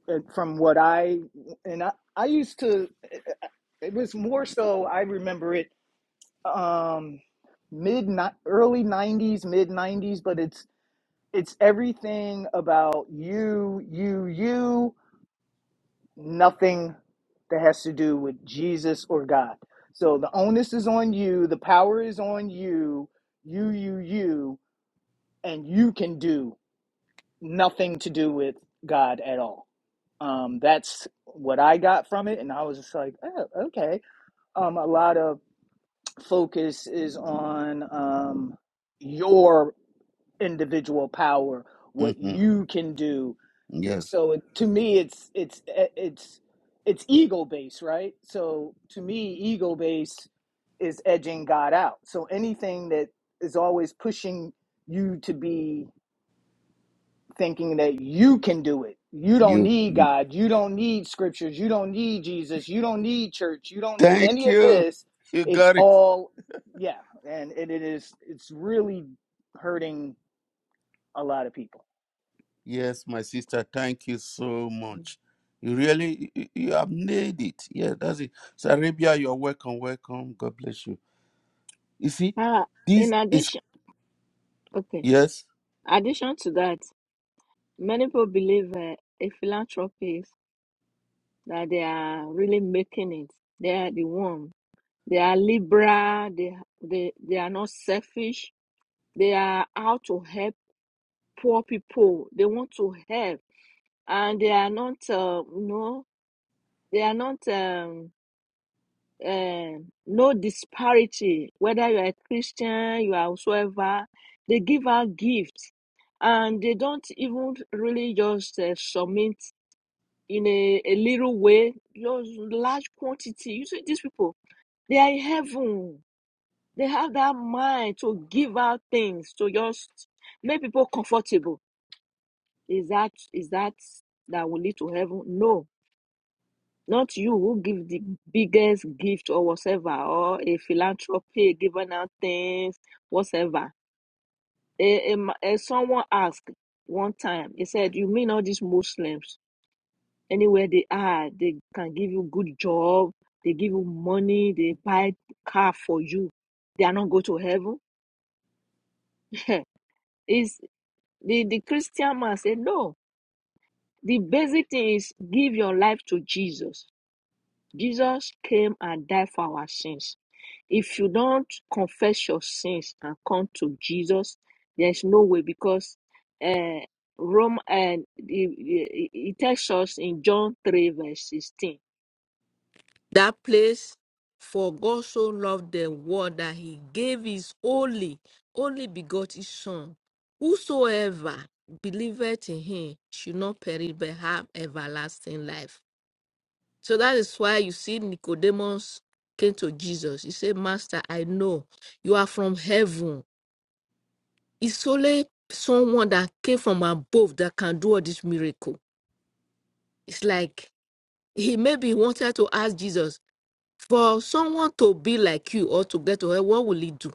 [SPEAKER 4] uh, from what I and I I used to. eh, It was more so. I remember it um, mid ni- early '90s, mid '90s, but it's it's everything about you, you, you. nothing that has to do with Jesus or God. So the onus is on you, the power is on you, you, you, you, and you can do nothing to do with God at all. Um, that's what I got from it, and I was just like, oh, okay. Um, a lot of focus is on um, your individual power, what
[SPEAKER 1] Mm-hmm.
[SPEAKER 4] you can do
[SPEAKER 1] Yes.
[SPEAKER 4] so it, to me it's it's eh, it's it's ego based right so to me ego based is edging god out so anything that is always pushing you to be thinking that you can do it you don't
[SPEAKER 1] You
[SPEAKER 4] need
[SPEAKER 1] you
[SPEAKER 4] god you don't need scriptures you don't need jesus you don't need church you don't need
[SPEAKER 1] thank
[SPEAKER 4] any of
[SPEAKER 1] you.
[SPEAKER 4] this
[SPEAKER 1] You
[SPEAKER 4] it's
[SPEAKER 1] got it.
[SPEAKER 4] all yeah and it, it is it's really hurting a lot of people
[SPEAKER 1] Yes, my sister, thank you so much. You really you you have nailed it. Yeah, that's it. So Arabia, you're welcome, welcome. God bless you. You see,
[SPEAKER 6] Uh,
[SPEAKER 1] this
[SPEAKER 6] in
[SPEAKER 1] is
[SPEAKER 6] addition, okay.
[SPEAKER 1] yes,
[SPEAKER 6] Addition to that, many people believe uh, a philanthropist that they are really making it. They are the one. They are liberal. They they they are not selfish. They are out to help poor people. They want to help, and they are not. Uh, you know, they are not. Um, um, no disparity, whether you are a Christian, you are whosoever, they give out gifts and they don't even really just uh, submit in a, a little way, just large quantity. You see, these people, they are in heaven. They have that mind to give out things, to just make people comfortable. Is that is that that will lead to heaven? No Not you who give the biggest gift or whatever, or a philanthropy giving out things, whatever. A, a, ma- a someone asked one time, he said, You mean all these Muslims, anywhere they are, they can give you good job, they give you money, they buy car for you, they are not going to heaven? Is the, the Christian man said, No, the basic thing is give your life to Jesus. Jesus came and died for our sins. If you don't confess your sins and come to Jesus, there's no way because Rome and it, it tells us in John 3 verse 16. That place, for God so loved the world that he gave his only, only begotten Son. Whosoever believeth in him should not perish but have everlasting life. So that is why you see Nicodemus came to Jesus. He said, Master, I know you are from heaven. It's only someone that came from above that can do all this miracle. It's like he maybe wanted to ask Jesus for someone to be like you or to get to hell. What will he do?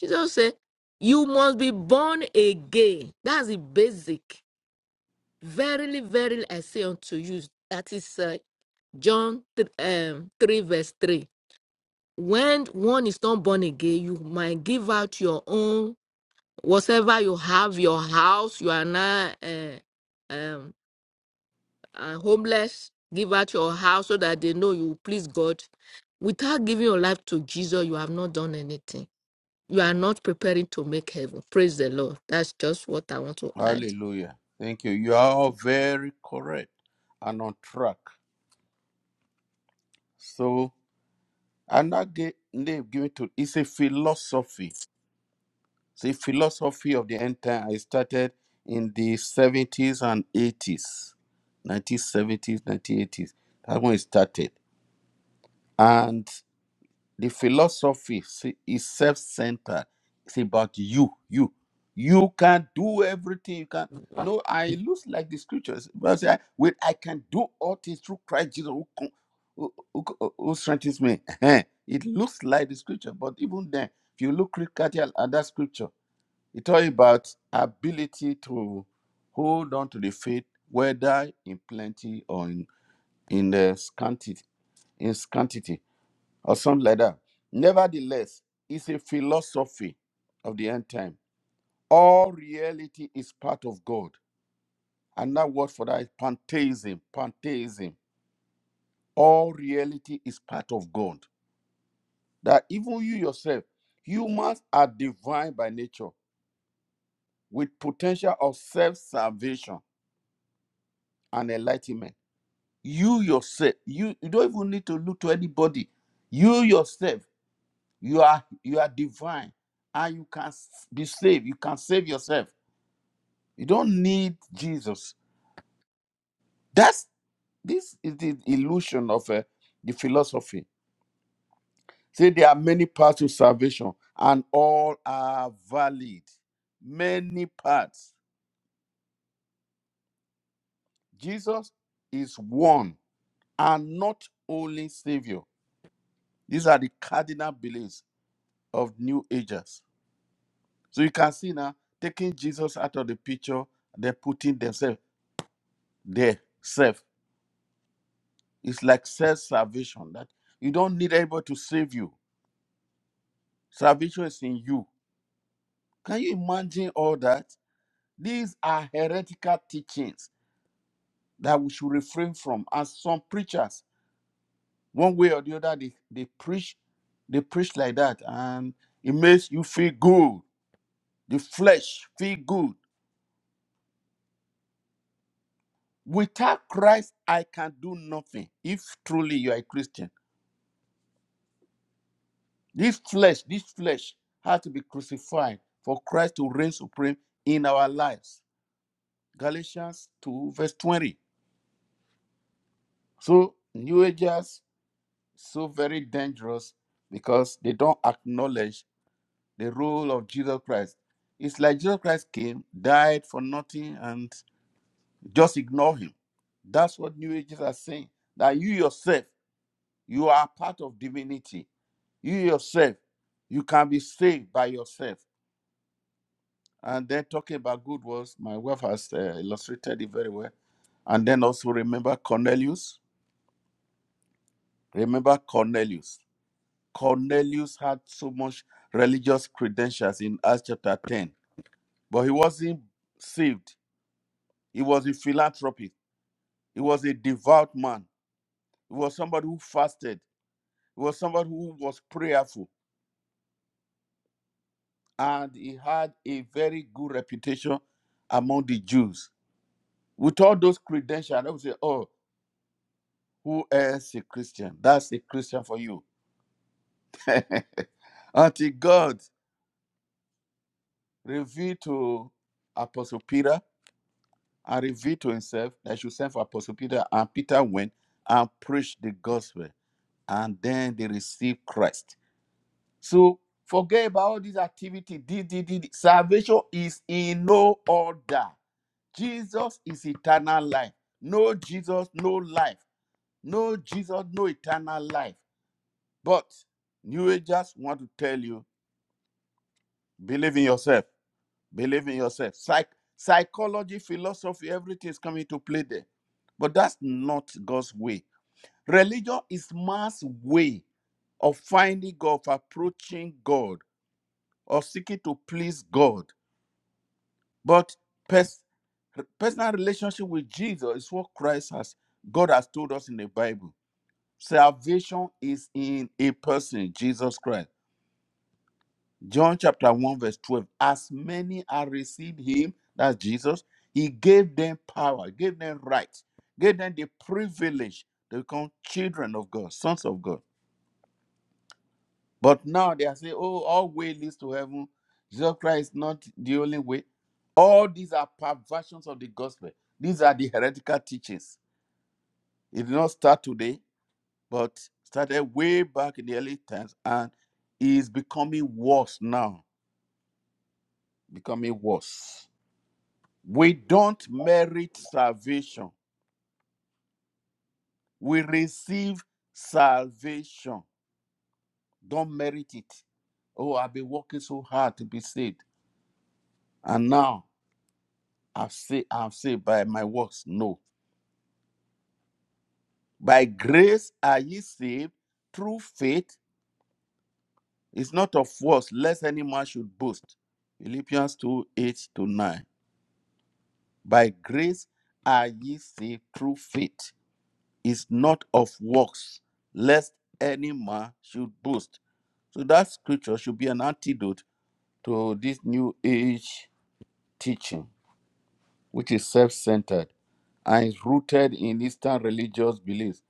[SPEAKER 6] Jesus said, "You must be born again." That's the basic. Verily, verily, I say unto you, that is uh, John um, three verse three. When one is not born again, you might give out your own whatever you have, your house, you are not. Uh, um, uh, homeless, give out your house so that they know you please God. Without giving your life to Jesus, you have not done anything. You are not preparing to make heaven. Praise the Lord. That's just what I want to add.
[SPEAKER 1] hallelujah. Thank you. You are all very correct and on track. So another name given to it's a philosophy. It's a philosophy of the end time. I started in the 70s and 80s, 1970s, 1980s. That one started. And The philosophy se- is self-centered. It's about you, you. You can do everything. You can, you know, I look like the scriptures. But I, with, I can do all things through Christ Jesus who, com- who, who- who strengthens me. it looks like the scripture, but even then, if you look critically at at that scripture, it's all about ability to hold on to the faith, whether in plenty or in, in the scanty, in scarcity or something like that. Nevertheless, it's a philosophy of the end time. All reality is part of God. And that word for that is pantheism. Pantheism. All reality is part of God. That even you yourself, humans are divine by nature with potential of self salvation and enlightenment. You yourself, you, you don't even need to look to anybody. You yourself You are you are divine, and you can s- be saved. You can save yourself. You don't need Jesus. That's this is the illusion of uh, the philosophy. Say there are many paths to salvation, and all are valid. Many paths. Jesus is one and not only Savior. These are the cardinal beliefs of New Agers. So you can see now taking Jesus out of the picture, they're putting themselves there self. It's like self salvation that you don't need anybody to save you. Salvation is in you. Can you imagine all that? These are heretical teachings that we should refrain from. And some preachers, one way or the other, they, they preach, they preach like that, and it makes you feel good. The flesh feel good. Without Christ, I can do nothing. If truly you are a Christian, this flesh, this flesh has to be crucified for Christ to reign supreme in our lives. Galatians 2, verse 20. So, New Agers, so very dangerous because they don't acknowledge the role of Jesus Christ. It's like Jesus Christ came, died for nothing, and just ignore him. That's what New Agers are saying. That you yourself, you are part of divinity. You yourself, you can be saved by yourself. And then talking about good works, my wife has uh, illustrated it very well. And then also remember Cornelius. Remember Cornelius. Cornelius had so much religious credentials in Acts chapter 10, but he wasn't saved. He was a philanthropist. He was a devout man. He was somebody who fasted. He was somebody who was prayerful. And he had a very good reputation among the Jews. With all those credentials, they would say, Oh, who else is a Christian? That's a Christian for you. Until God revealed to Apostle Peter and revealed to himself that he should send for Apostle Peter. And Peter went and preached the gospel. And then they received Christ. So forget about all these activity. Did, did, did. Salvation is in no order. Jesus is eternal life. No Jesus, no life. No Jesus, no eternal life. But New Agers want to tell you, believe in yourself. Believe in yourself. Psych, psychology, philosophy, everything is coming to play there. But that's not God's way. Religion is man's way of finding God, of approaching God, of seeking to please God. But pers- personal relationship with Jesus is what Christ has, God has told us in the Bible. Salvation is in a person, Jesus Christ. John chapter 1, verse 12. As many as received him, that's Jesus, he gave them power, gave them rights, gave them the privilege to become children of God, sons of God. But now they are saying, oh, all way leads to heaven. Jesus Christ is not the only way. All these are perversions of the gospel. These are the heretical teachings. It did not start today, but started way back in the early times and is becoming worse now. Becoming worse. We don't merit salvation. We receive salvation. Don't merit it. Oh, I've been working so hard to be saved. And now I've saved, i have saved by my works. No. By grace are ye saved through faith. It's not of works, lest any man should boast. Philippians 2 8 to 9. By grace are ye saved through faith. It's not of works, lest any man should boast. So that scripture should be an antidote to this new age teaching, which is self centered and is rooted in Eastern religious beliefs.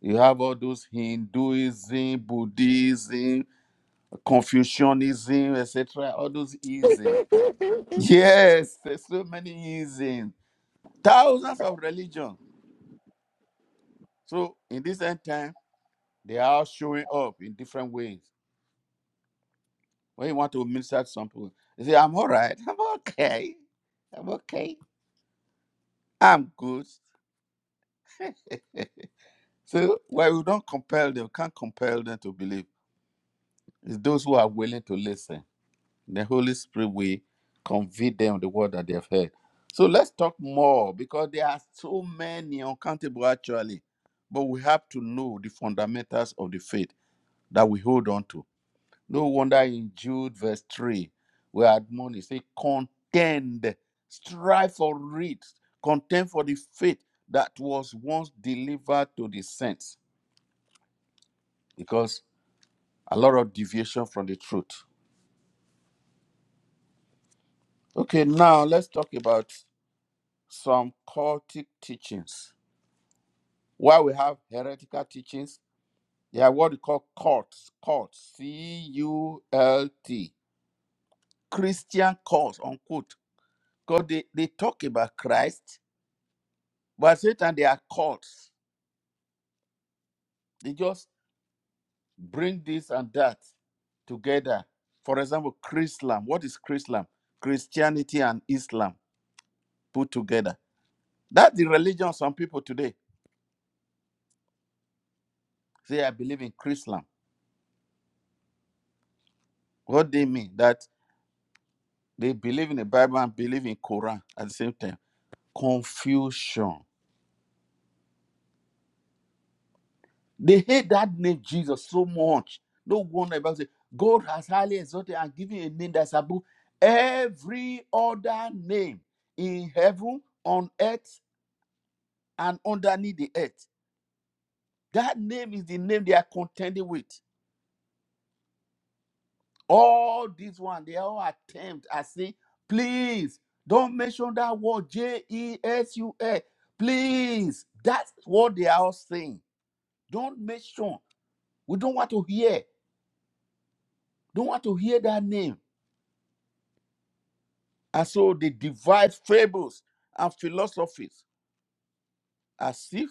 [SPEAKER 1] You have all those Hinduism, Buddhism, Confucianism, etc. All those isms. Yes, there's so many isms, thousands of religions. So in this end time, they are all showing up in different ways. When you want to minister to some people, you say, "I'm all right. I'm okay. I'm okay." I'm good. So well, we don't compel them, can't compel them to believe. It's those who are willing to listen. The Holy Spirit will convey them the word that they have heard. So let's talk more because there are so many uncountable actually. But we have to know the fundamentals of the faith that we hold on to. No wonder in Jude verse 3, where admonished, say, contend, strive for it, contend for the faith that was once delivered to the saints. because a lot of deviation from the truth. Okay, now let's talk about some cultic teachings. While we have heretical teachings, they are what we call cults, cults, C U L T, Christian cults, unquote. Because they, they talk about Christ, but Satan, they are cults. They just bring this and that together. For example, Chrislam. What is Chrislam? Christianity and Islam put together That's the religion some people today say, I believe in Chrislam. What they mean? That they believe in the Bible and believe in Quran at the same time. Confusion. They hate that name Jesus so much. No wonder about say God has highly exalted and given a name that's above every other name in heaven, on earth, and underneath the earth. That name is the name they are contending with. All these one, they all attempt. I say, please don't mention that word J E S U S. Please, that's what they are all saying. Don't mention. We don't want to hear. Don't want to hear that name. And so they devise fables and philosophies as if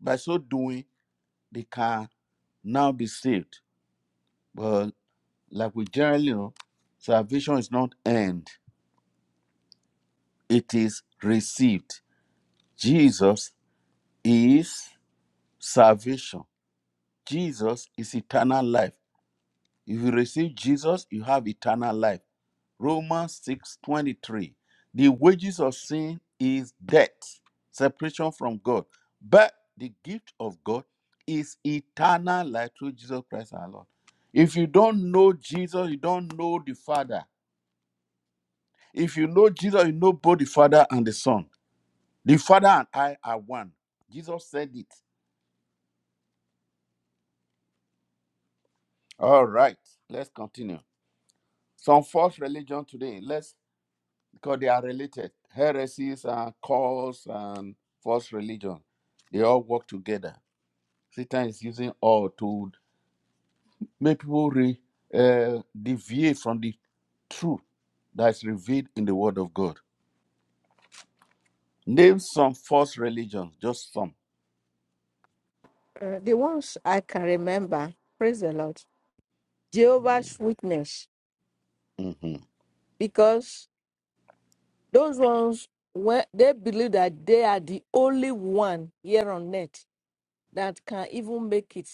[SPEAKER 1] by so doing they can now be saved. But like we generally know, salvation is not end; it is received. Jesus is. salvation. Jesus is eternal life. If you receive Jesus, you have eternal life. Romans 6 23. The wages of sin is death, separation from God. But the gift of God is eternal life through Jesus Christ our Lord. If you don't know Jesus, you don't know the Father. If you know Jesus, you know both the Father and the Son. The Father and I are one. Jesus said it. All right, let's continue. Some false religion today, let's because they are related. Heresies and cults and false religion. They all work together. Satan is using all to make people re, uh, deviate from the truth that is revealed in the Word of God. Name some false religions, just some.
[SPEAKER 6] Uh, the ones I can remember, praise the Lord, Jehovah's Witness,
[SPEAKER 1] Mhm.
[SPEAKER 6] because those ones, when they believe that they are the only one here on earth that can even make it,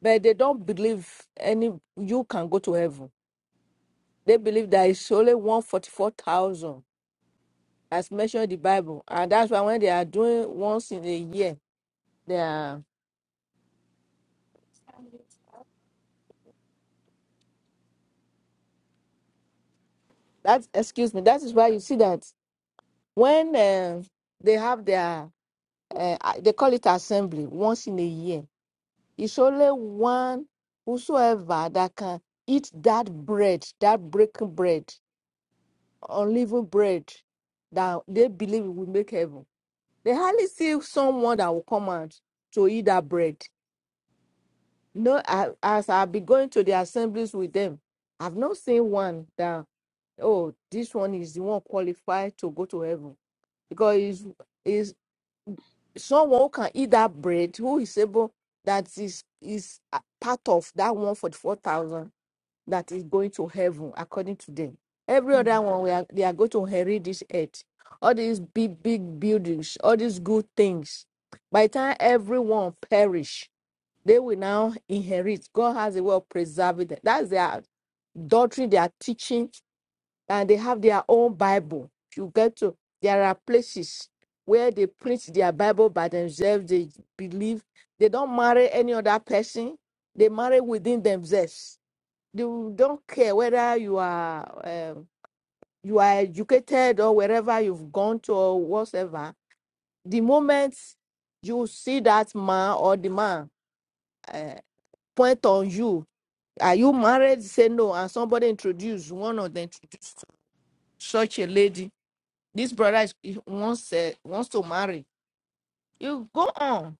[SPEAKER 6] but they don't believe any you can go to heaven. They believe there is only 144,000 as mentioned in the Bible. And that's why when they are doing once in a year, they are, that's, excuse me, that is why you see that when eh, they have their, uh, they call it assembly once in a year, it's only one whosoever that can eat that bread, that breaking bread, unleavened bread that they believe will make heaven. They hardly see someone that will come out to eat that bread. No, I, as I'll be going to the assemblies with them, I've not seen one that, oh, this one is the one qualified to go to heaven. Because is is someone who can eat that bread, who is able, that is is a part of that one for the 4,000 that is going to heaven, according to them. Every other one, we are, they are going to inherit this earth. All these big, big buildings, all these good things. By the time everyone perish, they will now inherit. God has a way of preserving them. That's their doctrine, their teaching, and they have their own Bible. If you get to, there are places where they preach their Bible by themselves. They believe they don't marry any other person. They marry within themselves. They don't care whether you are um, you are educated or wherever you've gone to or whatever. The moment you see that man or the man uh, point on you Are you married? Say no. And somebody introduced one of them introduced such a lady. This brother is, he wants uh, wants to marry. You go on.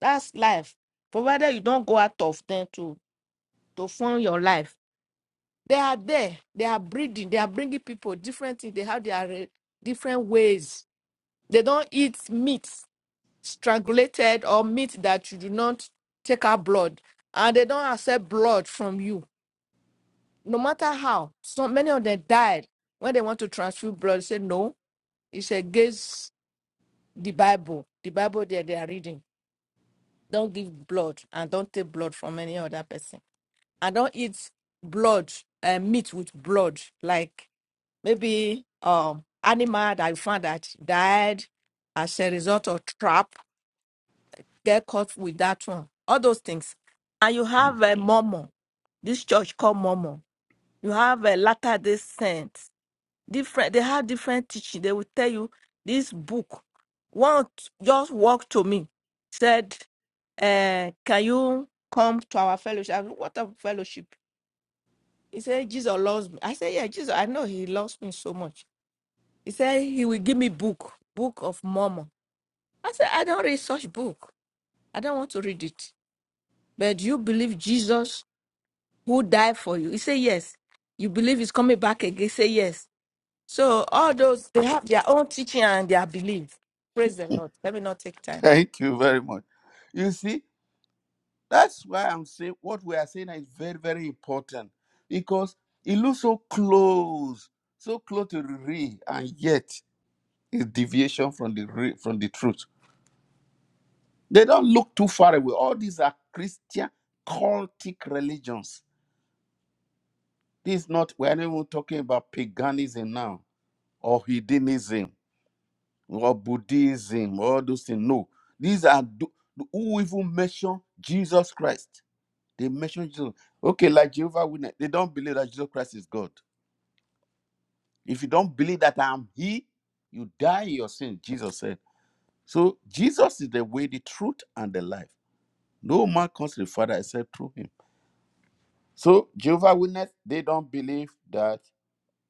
[SPEAKER 6] That's life. Provided you don't go out of them to to form your life. They are there. They are breeding. They are bringing people different things. They have their uh, different ways. They don't eat meat strangulated or meat that you do not take out blood, and they don't accept blood from you no matter how, so many of them died when they want to transfuse blood. They Say no, it's against the Bible. The Bible that they are reading. Don't give blood and don't take blood from any other person. And don't eat blood uh, meat with blood, like maybe um animal that you found that died as a result of trap. Get caught with that one. All those things. And you have a Mormon. This church called Mormon. You have a Latter Day Saint different they have different teaching they will tell you this book one just walked to me said uh, can you come to our fellowship I said, what a fellowship he said jesus loves me i said yeah jesus i know he loves me so much he said he will give me book book of mormon i said i don't read such book i don't want to read it but do you believe jesus who died for you he said yes you believe he's coming back again he said yes So all those they have their own teaching and their belief. Praise the Lord. Let me not take time.
[SPEAKER 1] Thank you very much. You see, That's why I'm saying what we are saying is very, very important because it looks so close, so close to the real, and yet it's deviation from the real, from the truth. They don't look too far away. All these are Christian cultic religions. This is not we're not even talking about paganism now or hedonism or Buddhism or all those things. No, these are tho- who even mention Jesus Christ. They mention Jesus. Okay, like Jehovah Witness, they don't believe that Jesus Christ is God. If you don't believe that I'm He, you die in your sin, Jesus said. So Jesus is the way, the truth, and the life. No man comes to the Father except through Him. So Jehovah Witness, they don't believe that.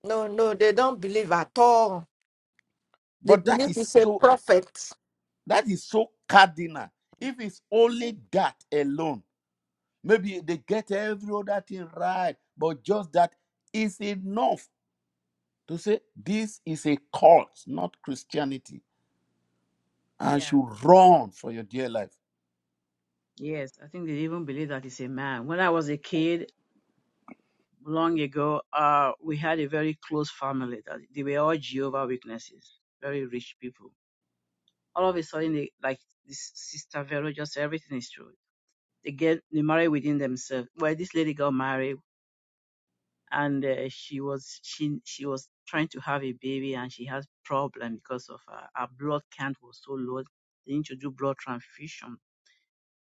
[SPEAKER 6] No, no, they don't believe at all. They
[SPEAKER 1] But that
[SPEAKER 6] believe
[SPEAKER 1] is
[SPEAKER 6] he's a
[SPEAKER 1] so.
[SPEAKER 6] prophet.
[SPEAKER 1] That is so cardinal. If it's only that alone, maybe they get every other thing right, but just that is enough to say this is a cult, not Christianity. and
[SPEAKER 3] Yeah.
[SPEAKER 1] should run for your dear life.
[SPEAKER 3] Yes, I think they even believe that he's a man. When I was a kid, long ago, uh, we had a very close family that they were all Jehovah Witnesses, very rich people. All of a sudden, they, like this sister Vero, just everything is true. They get they marry within themselves. Well, this lady got married, and uh, she was she she was trying to have a baby, and she has problem because of uh, her blood count was so low. They need to do blood transfusion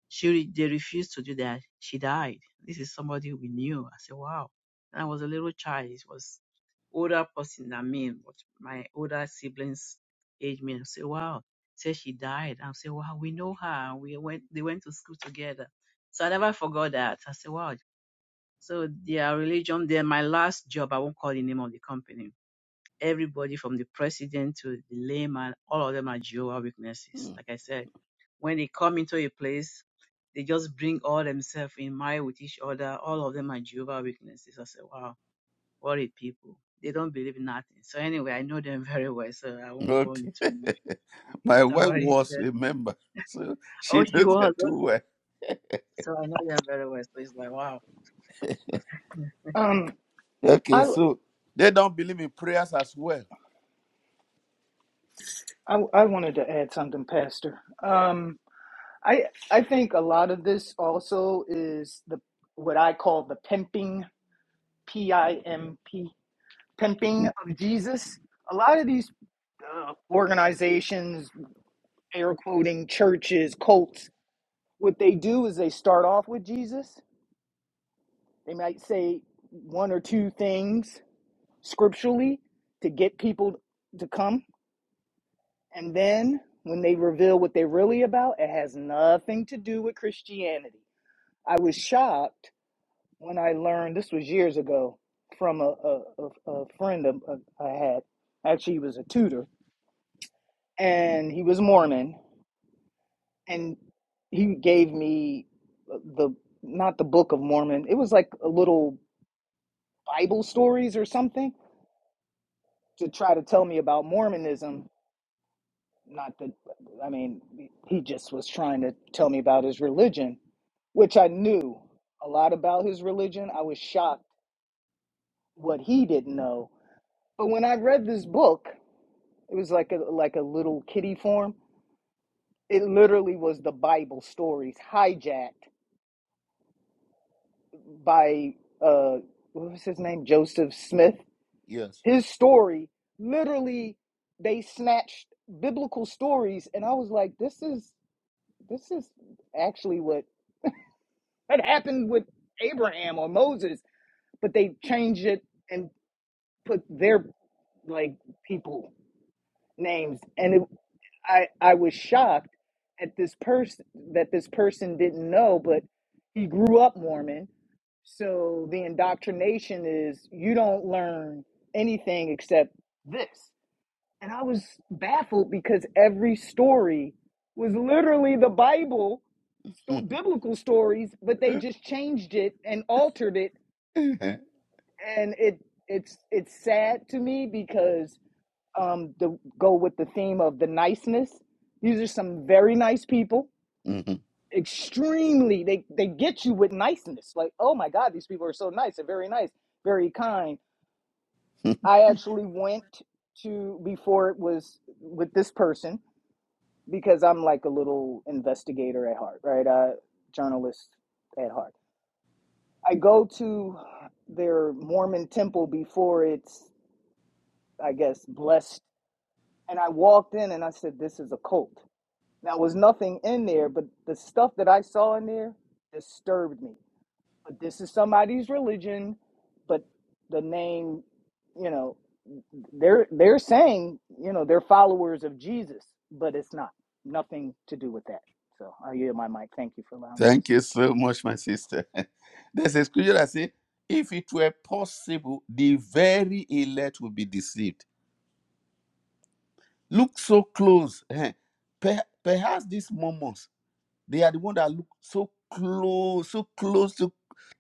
[SPEAKER 3] She re- they refused to do that. She died. This is somebody we knew. I said, wow. And I was a little child. It was older person than me, but my older siblings age me. I say, wow. Say she died. I say, wow, we know her. We went they went to school together. So I never forgot that. I said, wow. So their religion, then my last job, I won't call the name of the company Everybody from the president to the layman, all of them are Jehovah Witnesses.
[SPEAKER 1] Hmm.
[SPEAKER 3] Like I said, when they come into a place, they just bring all themselves in mind with each other. All of them are Jehovah Witnesses. I said, wow, what a people. They don't believe in nothing. So anyway, I know them very well, so I won't go
[SPEAKER 1] Okay.
[SPEAKER 3] into much.
[SPEAKER 1] My
[SPEAKER 3] Sister
[SPEAKER 1] wife
[SPEAKER 3] already
[SPEAKER 1] was
[SPEAKER 3] said,
[SPEAKER 1] a member, so
[SPEAKER 3] oh,
[SPEAKER 1] she
[SPEAKER 3] she
[SPEAKER 1] knows
[SPEAKER 3] was.
[SPEAKER 1] that too
[SPEAKER 3] Okay.
[SPEAKER 1] well.
[SPEAKER 3] So I know them very well. So it's like, wow.
[SPEAKER 4] um
[SPEAKER 1] Okay,
[SPEAKER 4] I.
[SPEAKER 1] so they don't believe in prayers as well.
[SPEAKER 4] I, I wanted to add something, Pastor. Um, I I think a lot of this also is the what I call the pimping, P I M P, pimping of Jesus. A lot of these uh, organizations, air quoting churches, cults, what they do is they start off with Jesus. They might say one or two things scripturally to get people to come And then when they reveal what they're really about, it has nothing to do with Christianity. I was shocked when I learned this was years ago from a, a, a, a friend of, of- I had. Actually, he was a tutor and he was Mormon. And he gave me the not the Book of Mormon, it was like a little Bible stories or something to try to tell me about Mormonism Not that, I mean, he just was trying to tell me about his religion, which I knew a lot about his religion. I was shocked what he didn't know. But when I read this book, it was like a like a little kiddie form. It literally was the Bible stories hijacked by uh what was his name? Joseph Smith.
[SPEAKER 1] Yes.
[SPEAKER 4] His story literally they snatched biblical stories and I was like, this is this is actually what That happened with Abraham or Moses, but they changed it and put their like people names. And it, I I was shocked at this person that this person didn't know, but he grew up Mormon. So the indoctrination is you don't learn anything except this. And I was baffled because every story was literally the Bible sto- biblical stories, but they just changed it and altered it and it it's it's sad to me because um the go with the theme of the niceness these are some very nice people
[SPEAKER 1] Mhm.
[SPEAKER 4] extremely they they get you with niceness like oh my god these people are so nice they're very nice very kind i actually went to before it was with this person because i'm like a little investigator at heart right uh journalist at heart i go to their mormon temple before it's i guess blessed And I walked in and I said, This is a cult. Now, there was nothing in there, but the stuff that I saw in there disturbed me. But this is somebody's religion, but the name, you know, they're they're saying, you know, they're followers of Jesus, but it's not. Nothing to do with that. So I yield my mic. Thank you for allowing me to
[SPEAKER 1] Thank you
[SPEAKER 4] speak.
[SPEAKER 1] so much, my sister. There's a scripture that says, if it were possible, the very elect would be deceived. Look so close. eh. Per- Perhaps this moment. They are the one that look so close, so close to,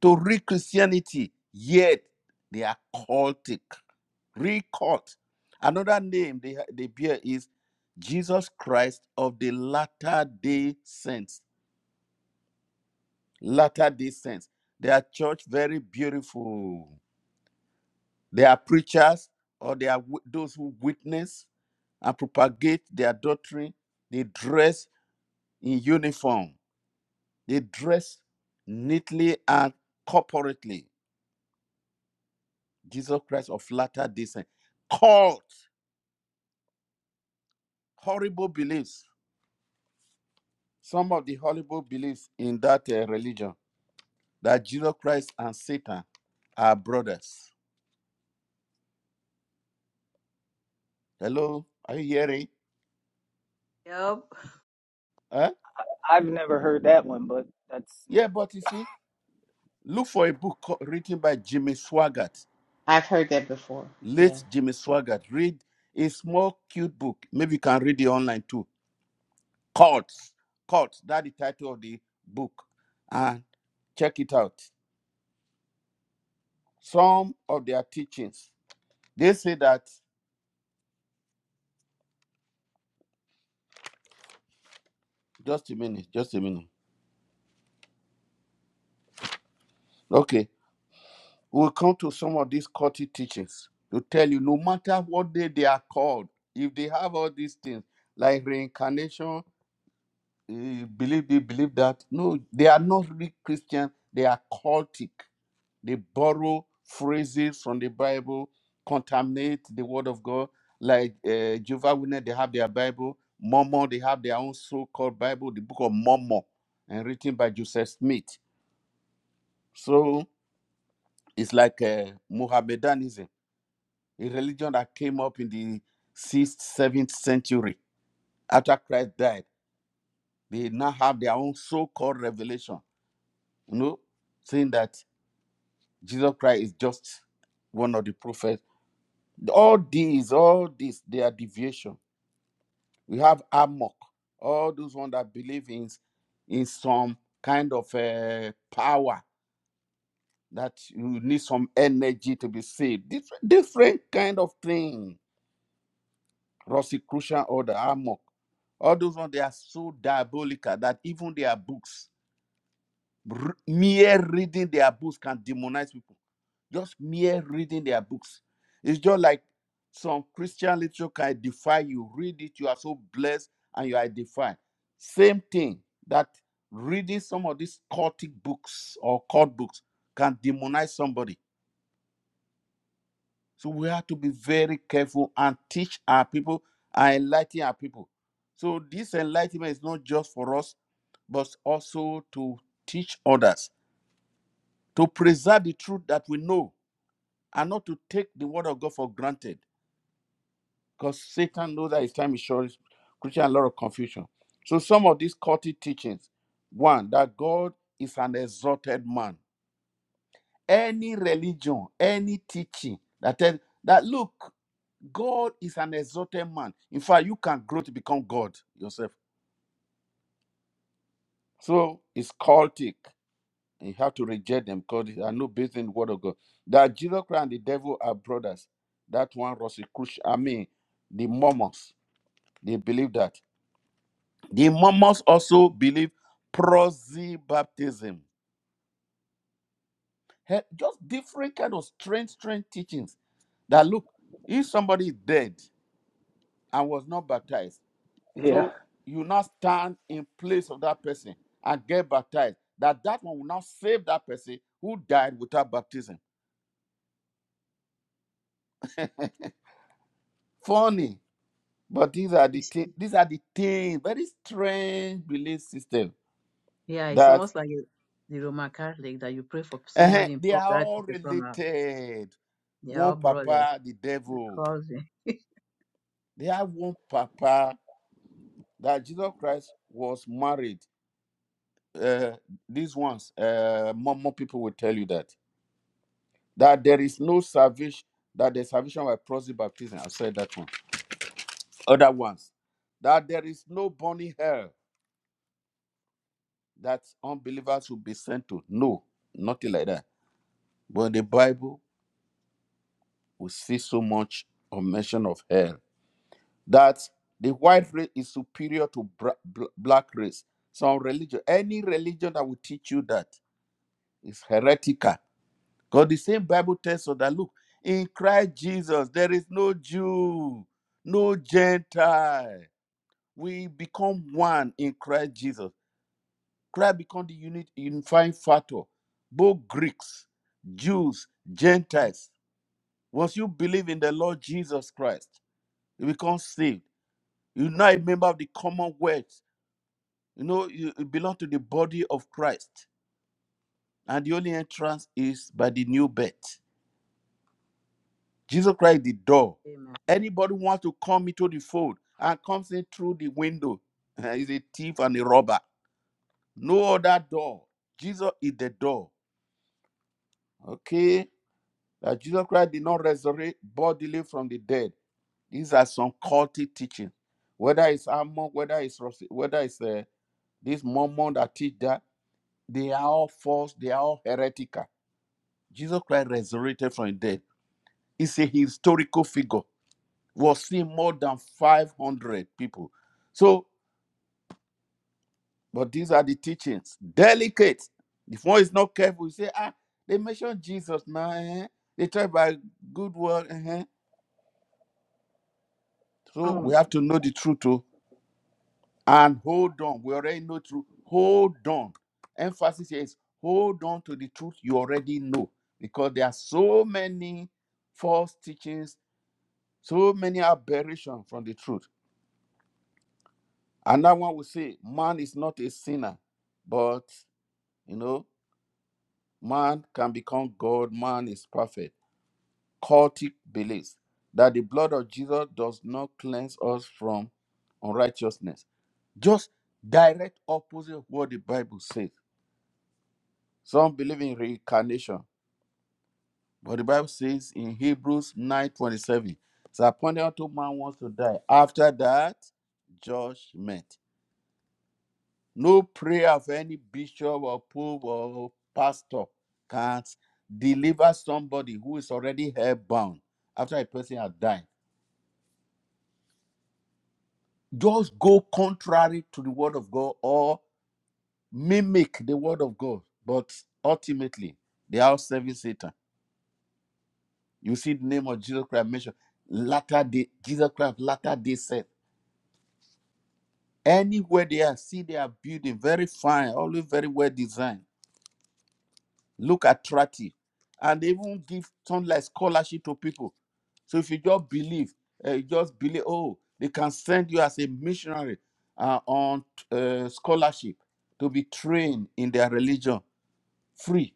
[SPEAKER 1] to real Christianity, yet they are cultic, real cult. Another name they, they bear is Jesus Christ of the Latter Day Saints. Latter Day Saints. Their church very beautiful. They are preachers, or they are those who witness and propagate their doctrine. They dress in uniform They dress neatly and corporately. Jesus Christ of latter Day descent. Cult, horrible beliefs. Some of the horrible beliefs in that uh, religion that Jesus Christ and Satan are brothers. Hello, are you hearing?
[SPEAKER 3] Yep.
[SPEAKER 1] Huh?
[SPEAKER 4] I've never heard that one, but that's
[SPEAKER 1] Yeah, but you see, look for a book co- written by Jimmy Swaggart,
[SPEAKER 7] I've heard that before. Yeah.
[SPEAKER 1] late Jimmy Swaggart. Read a small, cute book. Maybe you can read it online too. Cults, cults. That's the title of the book. And Check it out. Some of their teachings, they say that, just a minute, just a minute. Okay, we'll come to some of these culty teachings to tell you no matter what day they are called, if they have all these things like reincarnation, eh, believe this, believe that, no, they are not really Christian, they are cultic. They borrow phrases from the Bible, contaminate the Word of God. Like uh, Jehovah Witness, they have their Bible. Mormon, they have their own so-called Bible, the Book of Mormon, and written by Joseph Smith. So it's like uh, Mohammedanism, a religion that came up in the sixth, seventh century after Christ died. They now have their own so-called revelation, you know, saying that Jesus Christ is just one of the prophets All these, all these, they are deviation. We have Amok, all those ones that believe in, in some kind of uh, power that you need some energy to be saved. Different, different kind of thing. Rosicrucian order, Amok. All those ones, they are so diabolical that even their books R- mere reading their books can demonize people. Just mere reading their books. It's just like some Christian literature can defy you. Read it, you are so blessed and you are defied. Same thing that reading some of these cultic books or cult books can demonize somebody. So we have to be very careful and teach our people and enlighten our people. So this enlightenment is not just for us, but also to teach others to preserve the truth that we know and not to take the word of God for granted because Satan knows that his time is short, creating a lot of confusion. So, some of these culty teachings one, that God is an exalted man. Any religion, any teaching that tell that look, God is an exalted man. In fact, you can grow to become God yourself. So, it's cultic. And You have to reject them because they are not based in the word of God. That Jesus Christ and the devil are brothers. That one was a crucial. I mean, the Mormons, they believe that. The Mormons also believe prosy baptism. He- Just different kind of strange, strange teachings. That look, if somebody is dead and was not baptized,
[SPEAKER 4] yeah.
[SPEAKER 1] so you now stand in place of that person and get baptized. That that one will now save that person who died without baptism. Funny But these are the
[SPEAKER 3] It's,
[SPEAKER 1] thi- these are the things, very strange belief system
[SPEAKER 3] yeah, it's
[SPEAKER 1] that
[SPEAKER 3] almost like the Roman Catholic that you pray for
[SPEAKER 1] uh
[SPEAKER 3] somebody in
[SPEAKER 1] they
[SPEAKER 3] public
[SPEAKER 1] are
[SPEAKER 3] that
[SPEAKER 1] all
[SPEAKER 3] people come out.
[SPEAKER 1] related.
[SPEAKER 3] They are
[SPEAKER 1] One
[SPEAKER 3] all brothers.
[SPEAKER 1] papa, the devil.
[SPEAKER 3] Cousin.
[SPEAKER 1] They have one papa that Jesus Christ was married. Uh, these ones, uh, more, more people will tell you that that there is no salvation. That the salvation by proxy baptism. I said that one. Other ones that there is no burning hell that unbelievers will be sent to. No, nothing like that But the Bible we see so much of mention of hell that the white race is superior to bra- bl- black race. Some religion, any religion that will teach you that is heretical. Because the same Bible tells us that look, in Christ Jesus there is no Jew, no Gentile. We become one in Christ Jesus. Christ become the unit unifying factor. Both Greeks, Jews, Gentiles Once you believe in the Lord Jesus Christ, you become saved. You're now a member of the commonwealth. You know, you you belong to the body of Christ. And the only entrance is by the new birth. Jesus Christ, is the door.
[SPEAKER 3] Amen. I
[SPEAKER 1] Anybody who wants to come into the fold and comes in through the window is a thief and a robber. No other door. Jesus is the door. Okay? that Jesus Christ did not resurrect bodily from the dead. These are some culty teaching. Whether it's Amon, whether it's Rossi, whether it's uh, this Mormon that teach that, they are all false, they are all heretical. Jesus Christ resurrected from the dead. He's a historical figure. Was seen more than 500 people. So, but these are the teachings. Delicate. If one is not careful, you say, ah, they mention Jesus now. eh? They try by good word. eh So we
[SPEAKER 4] Um,
[SPEAKER 1] have to know the truth too and hold on. We already know truth. Hold on. Emphasis here is hold on to the truth you already know because there are so many false teachings, so many aberrations from the truth. Another one will say, man is not a sinner, but you know, man can become God, man is perfect. cultic beliefs that the blood of Jesus does not cleanse us from unrighteousness. Just direct opposite of what the Bible says. Some believe in reincarnation, but the Bible says in Hebrews 9:27, it's appointed unto man wants to die. After that, judgment. No prayer of any bishop or pope or pastor can deliver somebody who is already hell bound after a person has died just go contrary to the word of God or mimic the word of God. But ultimately, they are serving Satan. You see the name of Jesus Christ mentioned. Latter day, Jesus Christ, latter day said. Anywhere they are, see they are building very fine, always very well designed, look attractive. And they even give some like scholarship to people. So if you just believe, uh, you just believe, oh, they can send you as a missionary uh, on uh, scholarship to be trained in their religion free.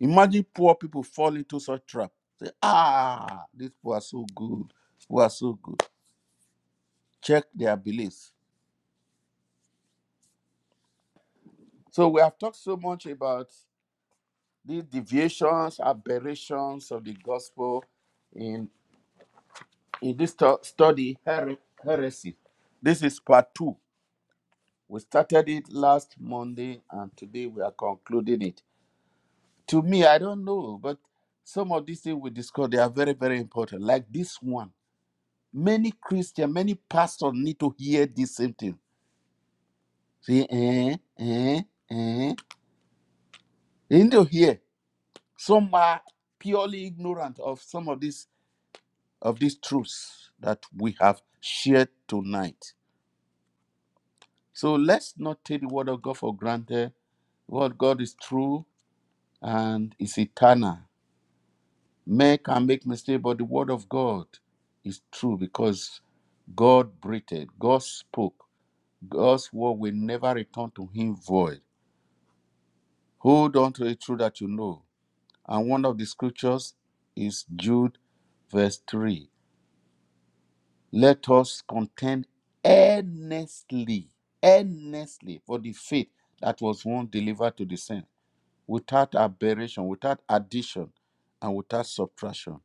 [SPEAKER 1] Imagine poor people fall into such trap. Say, ah, these people are so good. Who are so good. Check their beliefs. So we have talked so much about these deviations, aberrations of the gospel in in this stu- study here- heresy. This is part two We started it last Monday and today we are concluding it. To me, I don't know, but some of these things we discussed, they are very, very important. Like this one. Many Christians, many pastors need to hear this same thing. See, eh, eh, eh. They need to hear. Some are purely ignorant of some of these of these truths that we have shared tonight. So let's not take the word of God for granted. What God is true and is eternal Men can make mistake, but the word of God is true because God breathed, God spoke, God's word will never return to him void. Hold on to the truth that you know. And one of the scriptures is Jude verse 3. Let us contend earnestly, earnestly for the faith that was once delivered to the saints, without aberration, without addition, and without subtraction.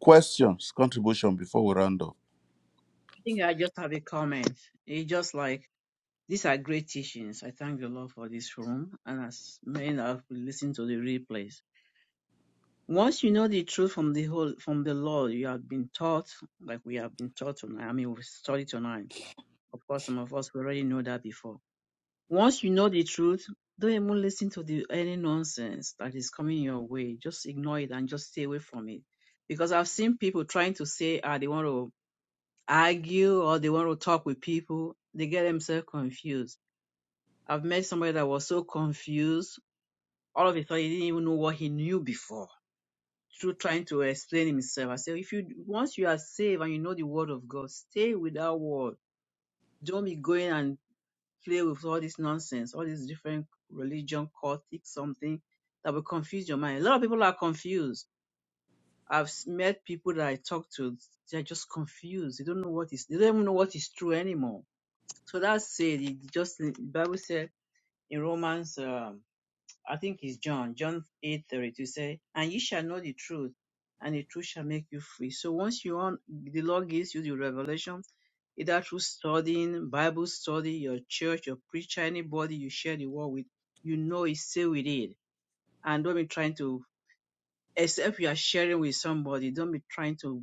[SPEAKER 1] Questions, contribution before we round up.
[SPEAKER 3] think I just have a comment. It's just like these are great teachings. I thank the Lord for this room and as many that have listened to the replays. Once you know the truth from the whole from the Lord, you have been taught, like we have been taught tonight. I mean, we studied tonight. Of course, some of us we already know that before. Once you know the truth, don't even listen to the any nonsense that is coming your way. Just ignore it and just stay away from it. Because I've seen people trying to say, ah, they want to argue or they want to talk with people, they get themselves confused. I've met somebody that was so confused, all of a sudden he didn't even know what he knew before through trying to explain himself. I said, if you once you are saved and you know the word of God, stay with that word. Don't be going and play with all this nonsense, all these different religion, cultic something that will confuse your mind. A lot of people are confused. I've s- met people that I talk to, they're just confused. They don't know what is, they don't even know what is true anymore So that's it. It just the Bible said in Romans, um, I think it's John, John eight thirty two say, and you shall know the truth, and the truth shall make you free. So once you on, the Lord gives you the revelation, either through studying, Bible study, your church, your preacher, anybody you share the word with, you know it, stay with it, and don't be trying to. Except you are sharing with somebody, don't be trying to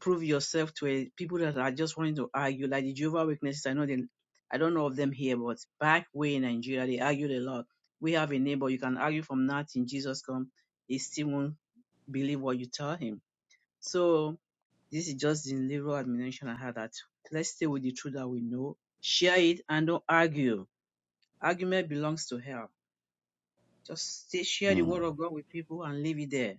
[SPEAKER 3] prove yourself to a, people that are just wanting to argue, like the Jehovah Witnesses. I know they, I don't know of them here, but back way in Nigeria, they argued a lot. We have a neighbor you can argue from nothing. Jesus come, he still won't believe what you tell him. So this is just the little admonition I had that let's stay with the truth that we know, share it, and don't argue. Argument belongs to hell. Just stay, share the
[SPEAKER 1] Mm.
[SPEAKER 3] word of God with people and leave it there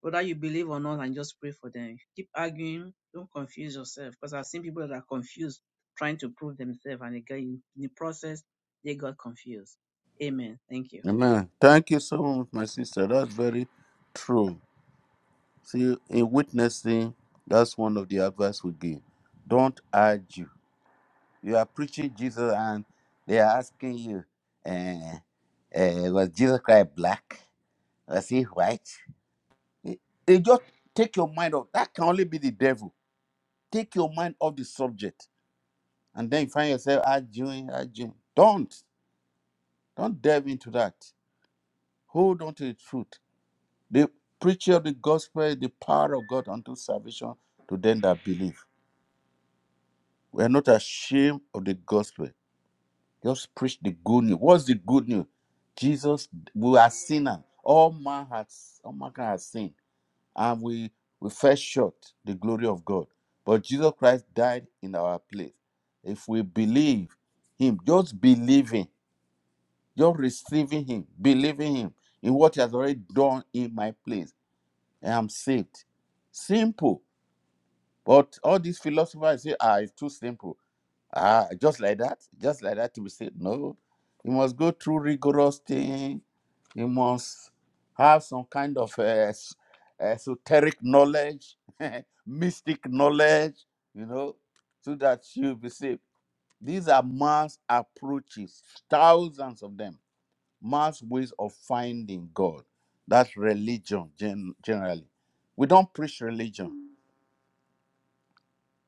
[SPEAKER 3] whether you believe or not and just pray for them. Keep arguing, don't confuse yourself because I've seen people that are confused trying to prove themselves and again in the process they got confused. Amen. Thank you.
[SPEAKER 1] Amen. Thank you so much, my sister. That's very true. See, in witnessing, that's one of the advice we give. Don't argue. You are preaching Jesus, and they are asking you, eh, eh, was Jesus Christ black? Was he white? Eh, They just take your mind off. That can only be the devil. Take your mind off the subject, and then you find yourself arguing, arguing. Don't, don't delve into that. Hold on to the truth. They preach of the gospel, the power of God unto salvation to them that believe. We are not ashamed of the gospel. Just preach the good news. What's the good news? Jesus, we are sinners. All man has all mankind has sinned. And we we fell short the glory of God. But Jesus Christ died in our place. If we believe him, just believing, just receiving him, believing him in what he has already done in my place, I am saved. Simple. But all these philosophers say, ah, it's too simple. Ah, just like that, just like that to be said. No, you must go through rigorous thing. You must have some kind of uh, es- esoteric knowledge, mystic knowledge, you know, so that you'll be saved. These are mass approaches, thousands of them, mass ways of finding God. That's religion gen- generally. We don't preach religion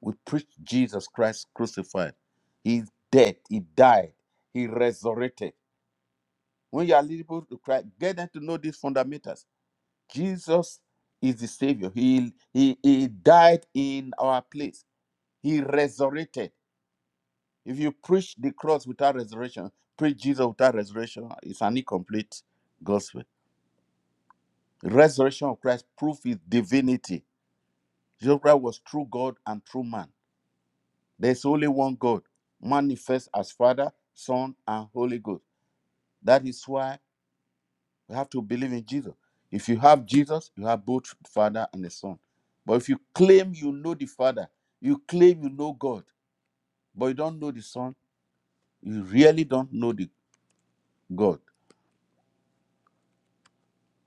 [SPEAKER 1] we preach Jesus Christ crucified. He's dead. He died. He resurrected. When you are leading people to Christ, get them to know these fundamentals. Jesus is the Savior. He, he, he died in our place. He resurrected. If you preach the cross without resurrection, preach Jesus without resurrection, it's an incomplete gospel. Resurrection of Christ proof his divinity. Jesus Christ was true God and true man There's only one God, manifest as Father, Son, and Holy Ghost. That is why we have to believe in Jesus. If you have Jesus, you have both the Father and the Son. But if you claim you know the Father, you claim you know God, but you don't know the Son, you really don't know the God.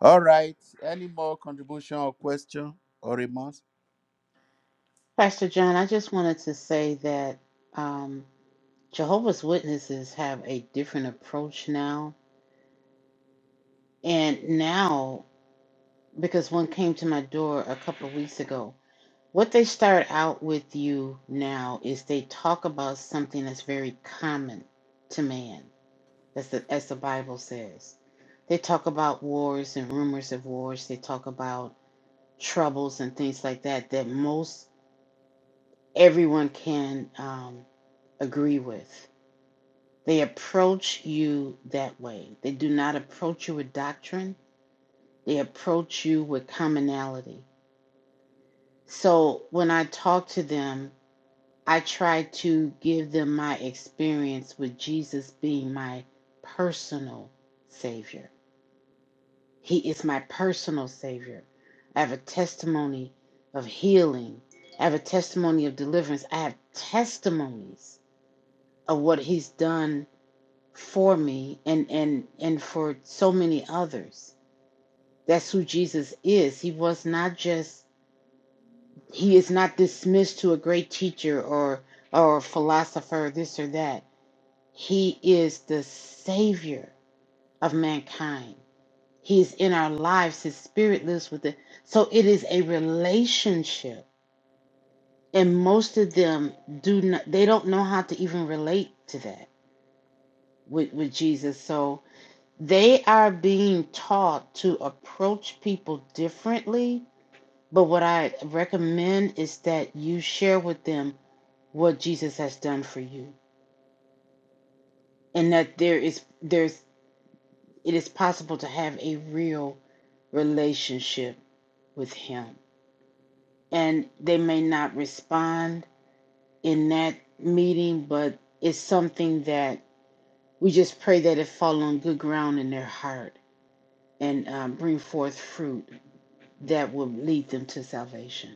[SPEAKER 1] All right. Any more contribution or question or remarks?
[SPEAKER 7] Pastor John, I just wanted to say that um, Jehovah's Witnesses have a different approach now. And now, because one came to my door a couple of weeks ago, what they start out with you now is they talk about something that's very common to man, as the, as the Bible says. They talk about wars and rumors of wars, they talk about troubles and things like that, that most everyone can. Um, agree with. They approach you that way. They do not approach you with doctrine, they approach you with commonality. So when I talk to them, I try to give them my experience with Jesus being my personal Savior. He is my personal Savior. I have a testimony of healing, I have a testimony of deliverance, I have testimonies of what He's done for me and and and for so many others that's who jesus is he was not just he is not dismissed to a great teacher or or philosopher this or that he is the savior of mankind he is in our lives his spirit lives within so it is a relationship and most of them do not they don't know how to even relate to that with with jesus so they are being taught to approach people differently. But what I recommend is that you share with them what Jesus has done for you, and that there is there's it is possible to have a real relationship with Him. And they may not respond in that meeting, but it's something that we just pray that it fall on good ground in their heart and um, bring forth fruit that will lead them to salvation.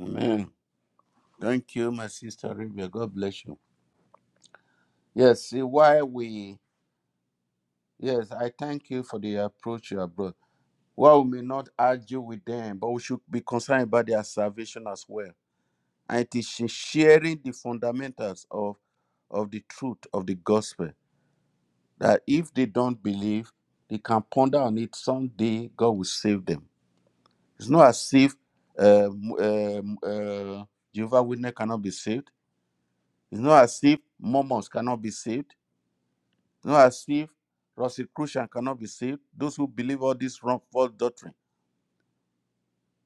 [SPEAKER 1] Amen. Thank you, my sister Rebecca. God bless you. Yes, see why we yes, I thank you for the approach you have brought. While we may not argue with them, but we should be concerned about their salvation as well. And it is sharing the fundamentals of, of the truth of the gospel that if they don't believe, they can ponder on it someday, God will save them. It's not as if uh, m- um, uh, Jehovah Witness cannot be saved. It's not as if Mormons cannot be saved. It's not as if Rosicrucian cannot be saved. Those who believe all this wrong false doctrine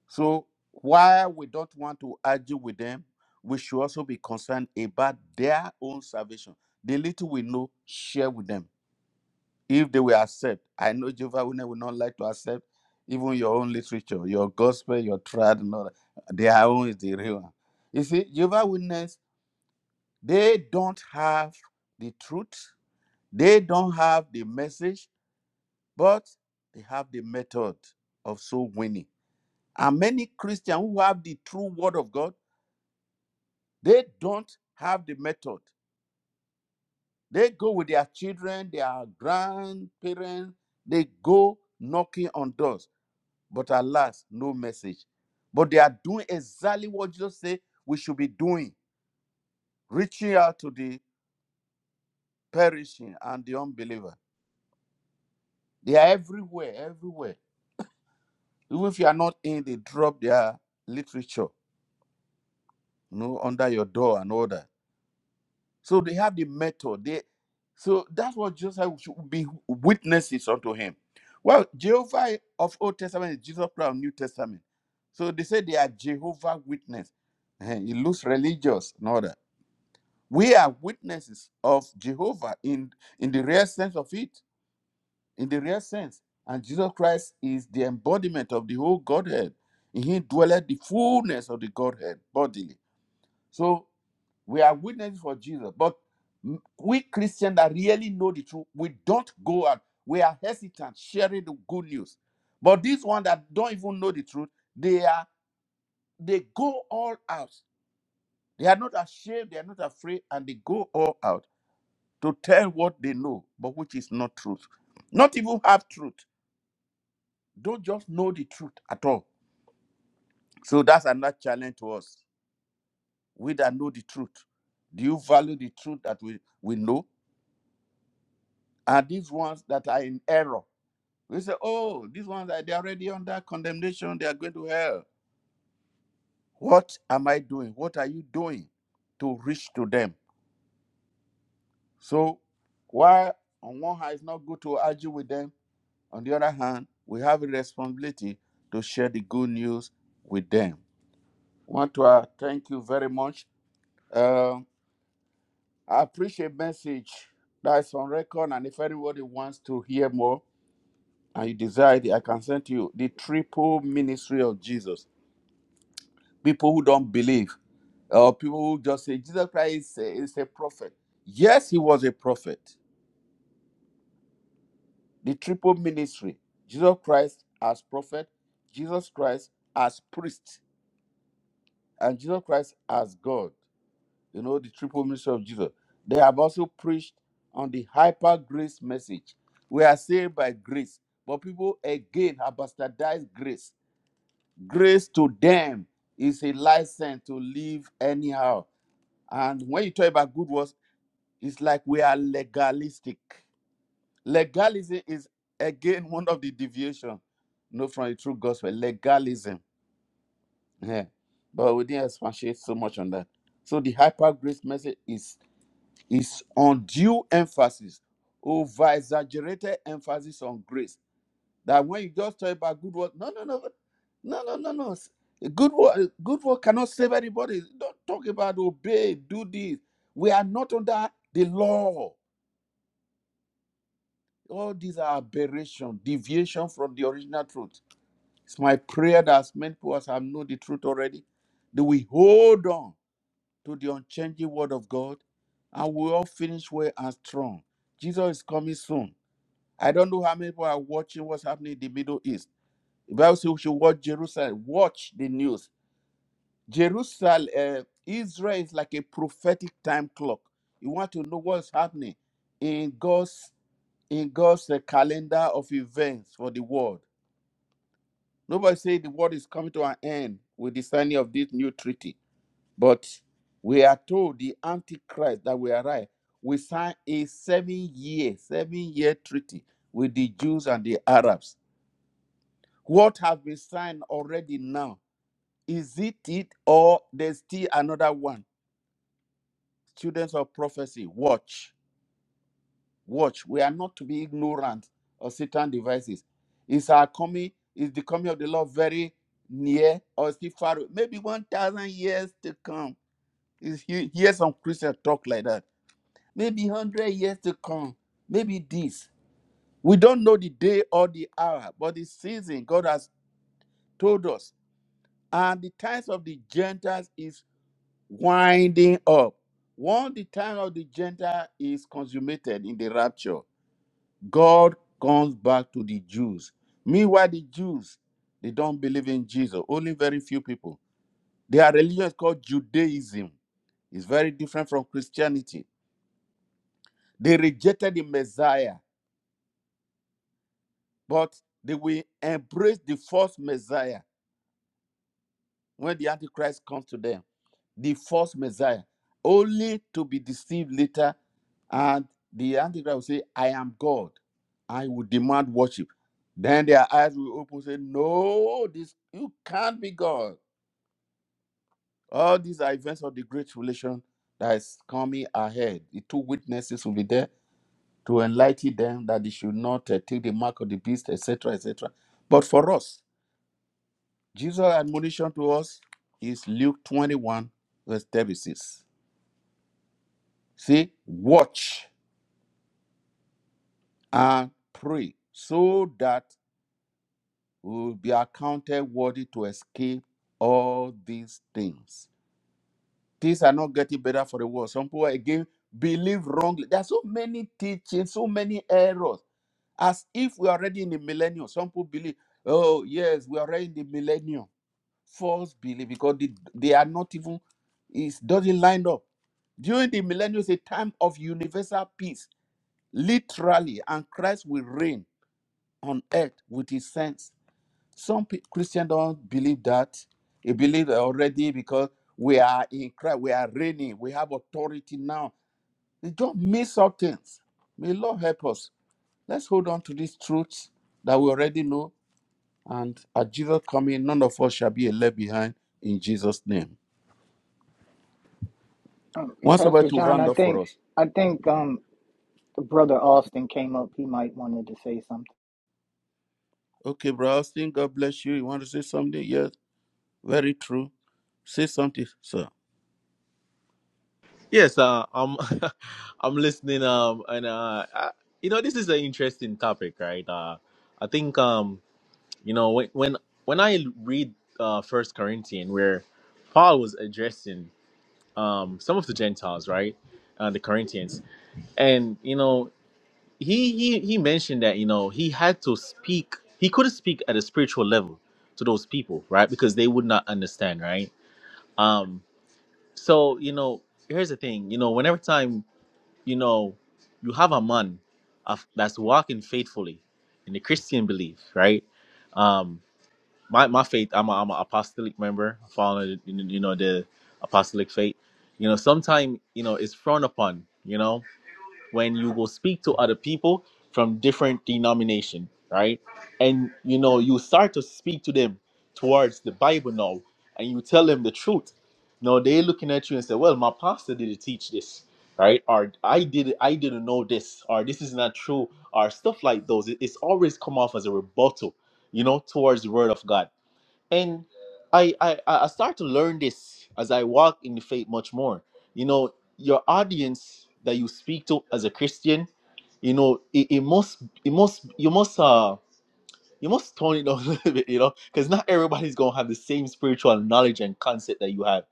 [SPEAKER 1] So while we don't want to argue with them, we should also be concerned about their own salvation. The little we know, share with them. If they will accept, I know Jehovah Witness will not like to accept even your own literature, your gospel, your trad, and all that. Their own is the real one. You see, Jehovah Witness, they don't have the truth, they don't have the message, but they have the method of soul winning. And many Christians who have the true word of God They don't have the method. They go with their children, their grandparents, they go knocking on doors, but alas, no message. But they are doing exactly what Jesus said we should be doing, reaching out to the perishing and the unbeliever. They are everywhere, everywhere. Even if you are not in, they drop their literature, you know, under your door and order. So they have the method. They so that's what Joseph should be witnesses unto him. Well, Jehovah of Old Testament is Jesus Christ of New Testament. So they say they are Jehovah Witness. Eh, It looks religious, no that. We are witnesses of Jehovah in, in the real sense of it, in the real sense. And Jesus Christ is the embodiment of the whole Godhead. In him dwelleth the fullness of the Godhead bodily. So we are witnesses for Jesus. But we Christians that really know the truth, we don't go out. We are hesitant sharing the good news. But these ones that don't even know the truth, they are they go all out. They are not ashamed, they are not afraid, and they go all out to tell what they know, but which is not truth. Not even half truth. Don't just know the truth at all. So that's another challenge to us. We that know the truth. Do you value the truth that we, we know? are these ones that are in error. We say, oh, these ones are they are already under condemnation, they are going to hell. What am I doing? What are you doing to reach to them? So while on one hand it's not good to argue with them, on the other hand, we have a responsibility to share the good news with them. I want to uh, thank you very much. Um I appreciate message that's on record, and if anybody wants to hear more, and you desire it, I can send to you the triple ministry of Jesus. People who don't believe, or people who just say Jesus Christ is a, is a prophet. Yes, he was a prophet. The triple ministry: Jesus Christ as prophet, Jesus Christ as priest, and Jesus Christ as God. You know the triple ministry of Jesus. They have also preached on the hyper grace message. We are saved by grace, but people again have bastardized grace Grace to them is a license to live anyhow. And when you talk about good works, it's like we are legalistic. Legalism is again one of the deviation, no, from the true gospel. Legalism, yeah. But we didn't expatiate so much on that. So the hyper grace message is is undue emphasis, over exaggerated emphasis on grace That when you just talk about good work, no, no, no, no, no, no, no. Good work, good work cannot save anybody. Don't talk about obey, do this. We are not under the law. All these are aberration, deviation from the original truth. It's my prayer that as many people as have known the truth already, that we hold on to the unchanging word of God and we all finish well and strong. Jesus is coming soon. I don't know how many people are watching what's happening in the Middle East. The Bible says we should watch Jerusalem. Watch the news. Jerusalem, uh, Israel is like a prophetic time clock. You want to know what's happening in God's in God's uh, calendar of events for the world. Nobody say the world is coming to an end with the signing of this new treaty, but we are told the Antichrist that we are right. We sign a seven-year, seven-year treaty with the Jews and the Arabs. What has been signed already now? Is it it or there's still another one? Students of prophecy, watch, watch. We are not to be ignorant of Satan devices. Is our coming, is the coming of the Lord very near or still far? away? Maybe 1,000 years to come. Is he hear some Christians talk like that? Maybe 100 years to come. Maybe this. We don't know the day or the hour, but the season God has told us. And the times of the Gentiles is. winding up. Once the time of the Gentile is consummated in the rapture, God comes back to the Jews. Meanwhile, the Jews, they don't believe in Jesus. Only very few people. Their religion is called Judaism. It's very different from Christianity. They rejected the Messiah, but they will embrace the false Messiah. when the Antichrist comes to them, the false Messiah, only to be deceived later. And the Antichrist will say, I am God. I will demand worship. Then their eyes will open, and say, No, this you can't be God. All these are events of the great tribulation that is coming ahead. The two witnesses will be there to enlighten them that they should not uh, take the mark of the beast, etc., etc. But for us, Jesus' admonition to us is Luke 21, verse 36. See, watch and pray so that we will be accounted worthy to escape all these things. Things are not getting better for the world. Some people again believe wrongly. There are so many teachings, so many errors. As if we are already in the millennium. Some people believe, oh, yes, we are already in the millennium. False belief because they, they are not even, it doesn't line up During the millennium is a time of universal peace, literally, and Christ will reign on earth with his saints. Some pe- Christians don't believe that. They believe already because we are in Christ, we are reigning, we have authority now. They don't miss out things. May Lord help us. Let's hold on to these truths that we already know. And at Jesus coming, none of us shall be left behind in Jesus' name.
[SPEAKER 4] um,
[SPEAKER 1] Once about
[SPEAKER 4] Pastor
[SPEAKER 1] to
[SPEAKER 4] John,
[SPEAKER 1] round
[SPEAKER 4] I
[SPEAKER 1] up for
[SPEAKER 4] think
[SPEAKER 1] us.
[SPEAKER 4] I think um The brother Austin came up. He might wanted to say something.
[SPEAKER 1] Okay, bro Austin, God bless you. You want to say something? Yes. Very true. Say something, sir.
[SPEAKER 8] Yes, uh, I'm I'm listening. Um, and uh, I, you know, this is an interesting topic, right? Uh, I think um, you know, when when when I read uh First Corinthians, where Paul was addressing um some of the Gentiles, right, uh, the Corinthians, and you know, he he he mentioned that you know he had to speak. He couldn't speak at a spiritual level to those people, right, because they would not understand, right? Um, so you know, here's the thing, you know, whenever time you know, you have a man of, that's walking faithfully in the Christian belief, right? Um, my, my faith, I'm a, I'm an apostolic member, following you know the apostolic faith. You know, sometimes you know it's frowned upon. You know, when you go speak to other people from different denomination, right? And you know, you start to speak to them towards the Bible now, and you tell them the truth. Now they looking at you and say, "Well, my pastor didn't teach this, right? Or I did, I didn't know this, or this is not true, or stuff like those." It- It's always come off as a rebuttal, you know, towards the Word of God and I, I i I start to learn this as i walk in the faith much more you know your audience that you speak to as a christian you know it, it must it must you must uh you must tone it down a little bit you know because not everybody's gonna have the same spiritual knowledge and concept that you have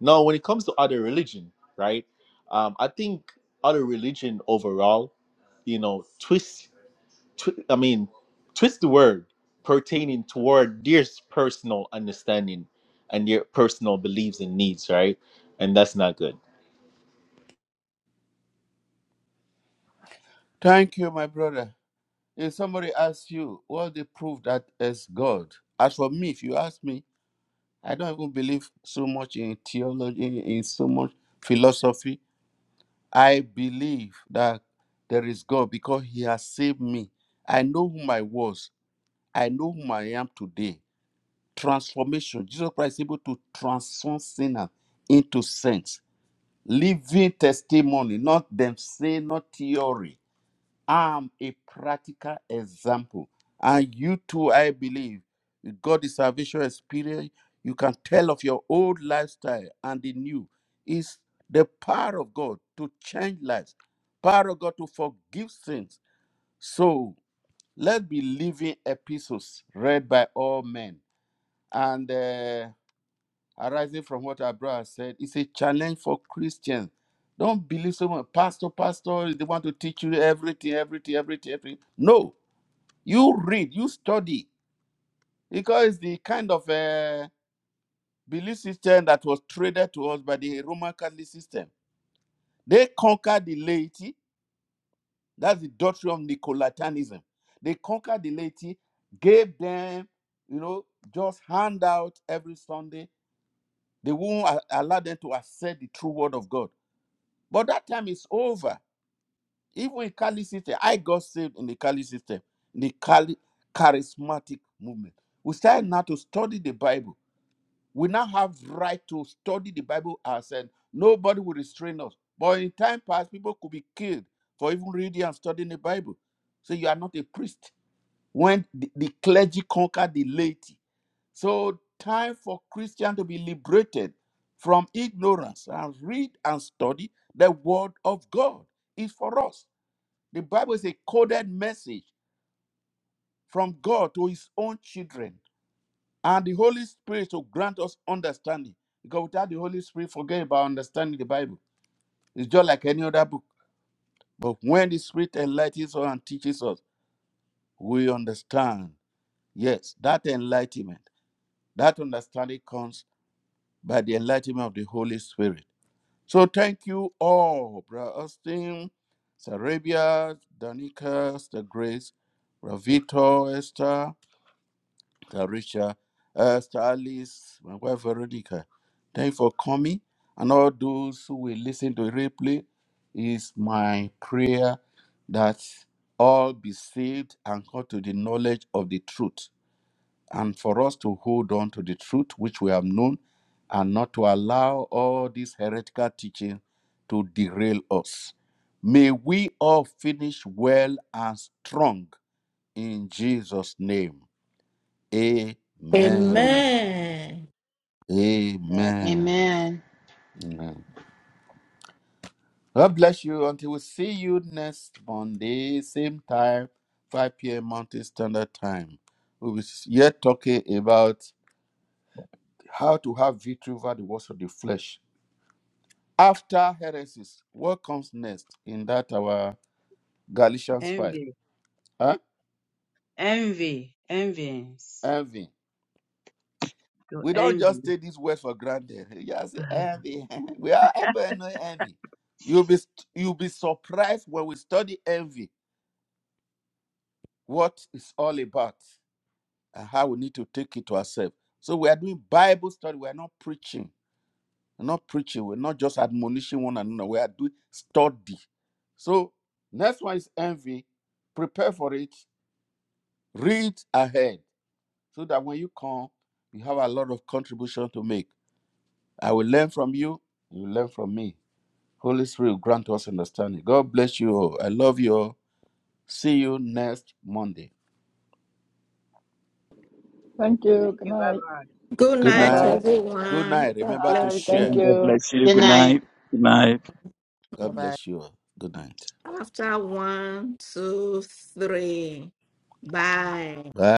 [SPEAKER 8] now when it comes to other religion right um i think other religion overall you know twists twi- I mean, twist the word pertaining toward their personal understanding and their personal beliefs and needs, right? And that's not good.
[SPEAKER 1] Thank you, my brother. If somebody asks you what the proof that is God, as for me, if you ask me, I don't even believe so much in theology, in so much philosophy. I believe that there is God because He has saved me. I know whom I was, I know whom I am today. Transformation. Jesus Christ is able to transform sinners into saints. Living testimony, not them say, not theory I'm a practical example. And you too, I believe, you got the salvation experience. You can tell of your old lifestyle and the new. It's the power of God to change lives, power of God to forgive sins. So let's be living epistles read by all men. And uh, arising from what our brother said, it's a challenge for Christians. Don't believe someone, pastor, pastor, they want to teach you everything, everything, everything, everything. No, you read, you study, because the kind of uh, belief system that was traded to us by the Roman Catholic system. They conquered the laity, that's the doctrine of Nicolatanism. They conquered the laity, gave them, you know, just handout every Sunday. They won't a- allow them to accept the true word of God. But that time is over. Even in Catholic system, I got saved in the Catholic system, in the Cali charismatic movement. We started now to study the Bible we now have right to study the bible ourselves nobody will restrain us but in time past people could be killed for even reading and studying the bible so you are not a priest when the, the clergy conquered the laity so time for christian to be liberated from ignorance and read and study the word of god is for us the bible is a coded message from god to his own children and the Holy Spirit to grant us understanding. Because without the Holy Spirit, forget about understanding the Bible. It's just like any other book. But when the Spirit enlightens us and teaches us, we understand. Yes, that enlightenment, that understanding comes by the enlightenment of the Holy Spirit. So thank you all, Brother Austin, Sarabia, Danica, Sister Grace, Ravito, Esther, Tarisha, uh, Starlis, my wife Veronica. Thank you for coming. And all those who will listen to replay, is my prayer that all be saved and come to the knowledge of the truth. And for us to hold on to the truth which we have known and not to allow all this heretical teaching to derail us. May we all finish well and strong in Jesus' name. Amen.
[SPEAKER 3] Amen.
[SPEAKER 6] Amen.
[SPEAKER 2] Amen.
[SPEAKER 1] Amen.
[SPEAKER 7] Amen.
[SPEAKER 1] Amen. God bless you until we see you next Monday, same time, 5 p.m. Mountain Standard Time. We'll be yet talking about how to have victory over the works of the flesh. After heresies, what comes next in that our Galatians 5?
[SPEAKER 3] Envy,
[SPEAKER 1] Huh?
[SPEAKER 3] envy, envyings.
[SPEAKER 1] Envy.
[SPEAKER 3] Your
[SPEAKER 1] We don't
[SPEAKER 3] envy.
[SPEAKER 1] just take this word for granted. You just say envy. we are ever know envy. You'll be st- you'll be surprised when we study envy, what it's all about, and how we need to take it to ourselves. So we are doing Bible study. We are not preaching. We're not preaching. We're not just admonishing one another. We are doing study. So next one is envy. Prepare for it. Read ahead so that when you come, you have a lot of contribution to make. I will learn from you. You learn from me. Holy Spirit will grant us understanding. God bless you all. I love you all. See you next Monday.
[SPEAKER 4] Thank you.
[SPEAKER 3] Thank
[SPEAKER 4] Good
[SPEAKER 3] you. Bye
[SPEAKER 4] night.
[SPEAKER 3] bye.
[SPEAKER 6] Good
[SPEAKER 1] Good
[SPEAKER 3] God
[SPEAKER 4] Bye
[SPEAKER 3] bless.
[SPEAKER 6] night,
[SPEAKER 3] you.
[SPEAKER 1] night.
[SPEAKER 4] bye.
[SPEAKER 1] Good
[SPEAKER 6] everyone.
[SPEAKER 1] night.
[SPEAKER 6] God
[SPEAKER 1] Remember to
[SPEAKER 4] Bye.
[SPEAKER 6] bless
[SPEAKER 4] Thank
[SPEAKER 1] share.
[SPEAKER 6] you.
[SPEAKER 5] God
[SPEAKER 4] you.
[SPEAKER 5] bless you.
[SPEAKER 7] Good
[SPEAKER 5] Good
[SPEAKER 2] Nice.
[SPEAKER 7] night.
[SPEAKER 5] night. Good night.
[SPEAKER 1] God
[SPEAKER 2] Bye-bye.
[SPEAKER 1] bless you all. Good night.
[SPEAKER 6] After one, two, three. Bye.
[SPEAKER 1] Bye.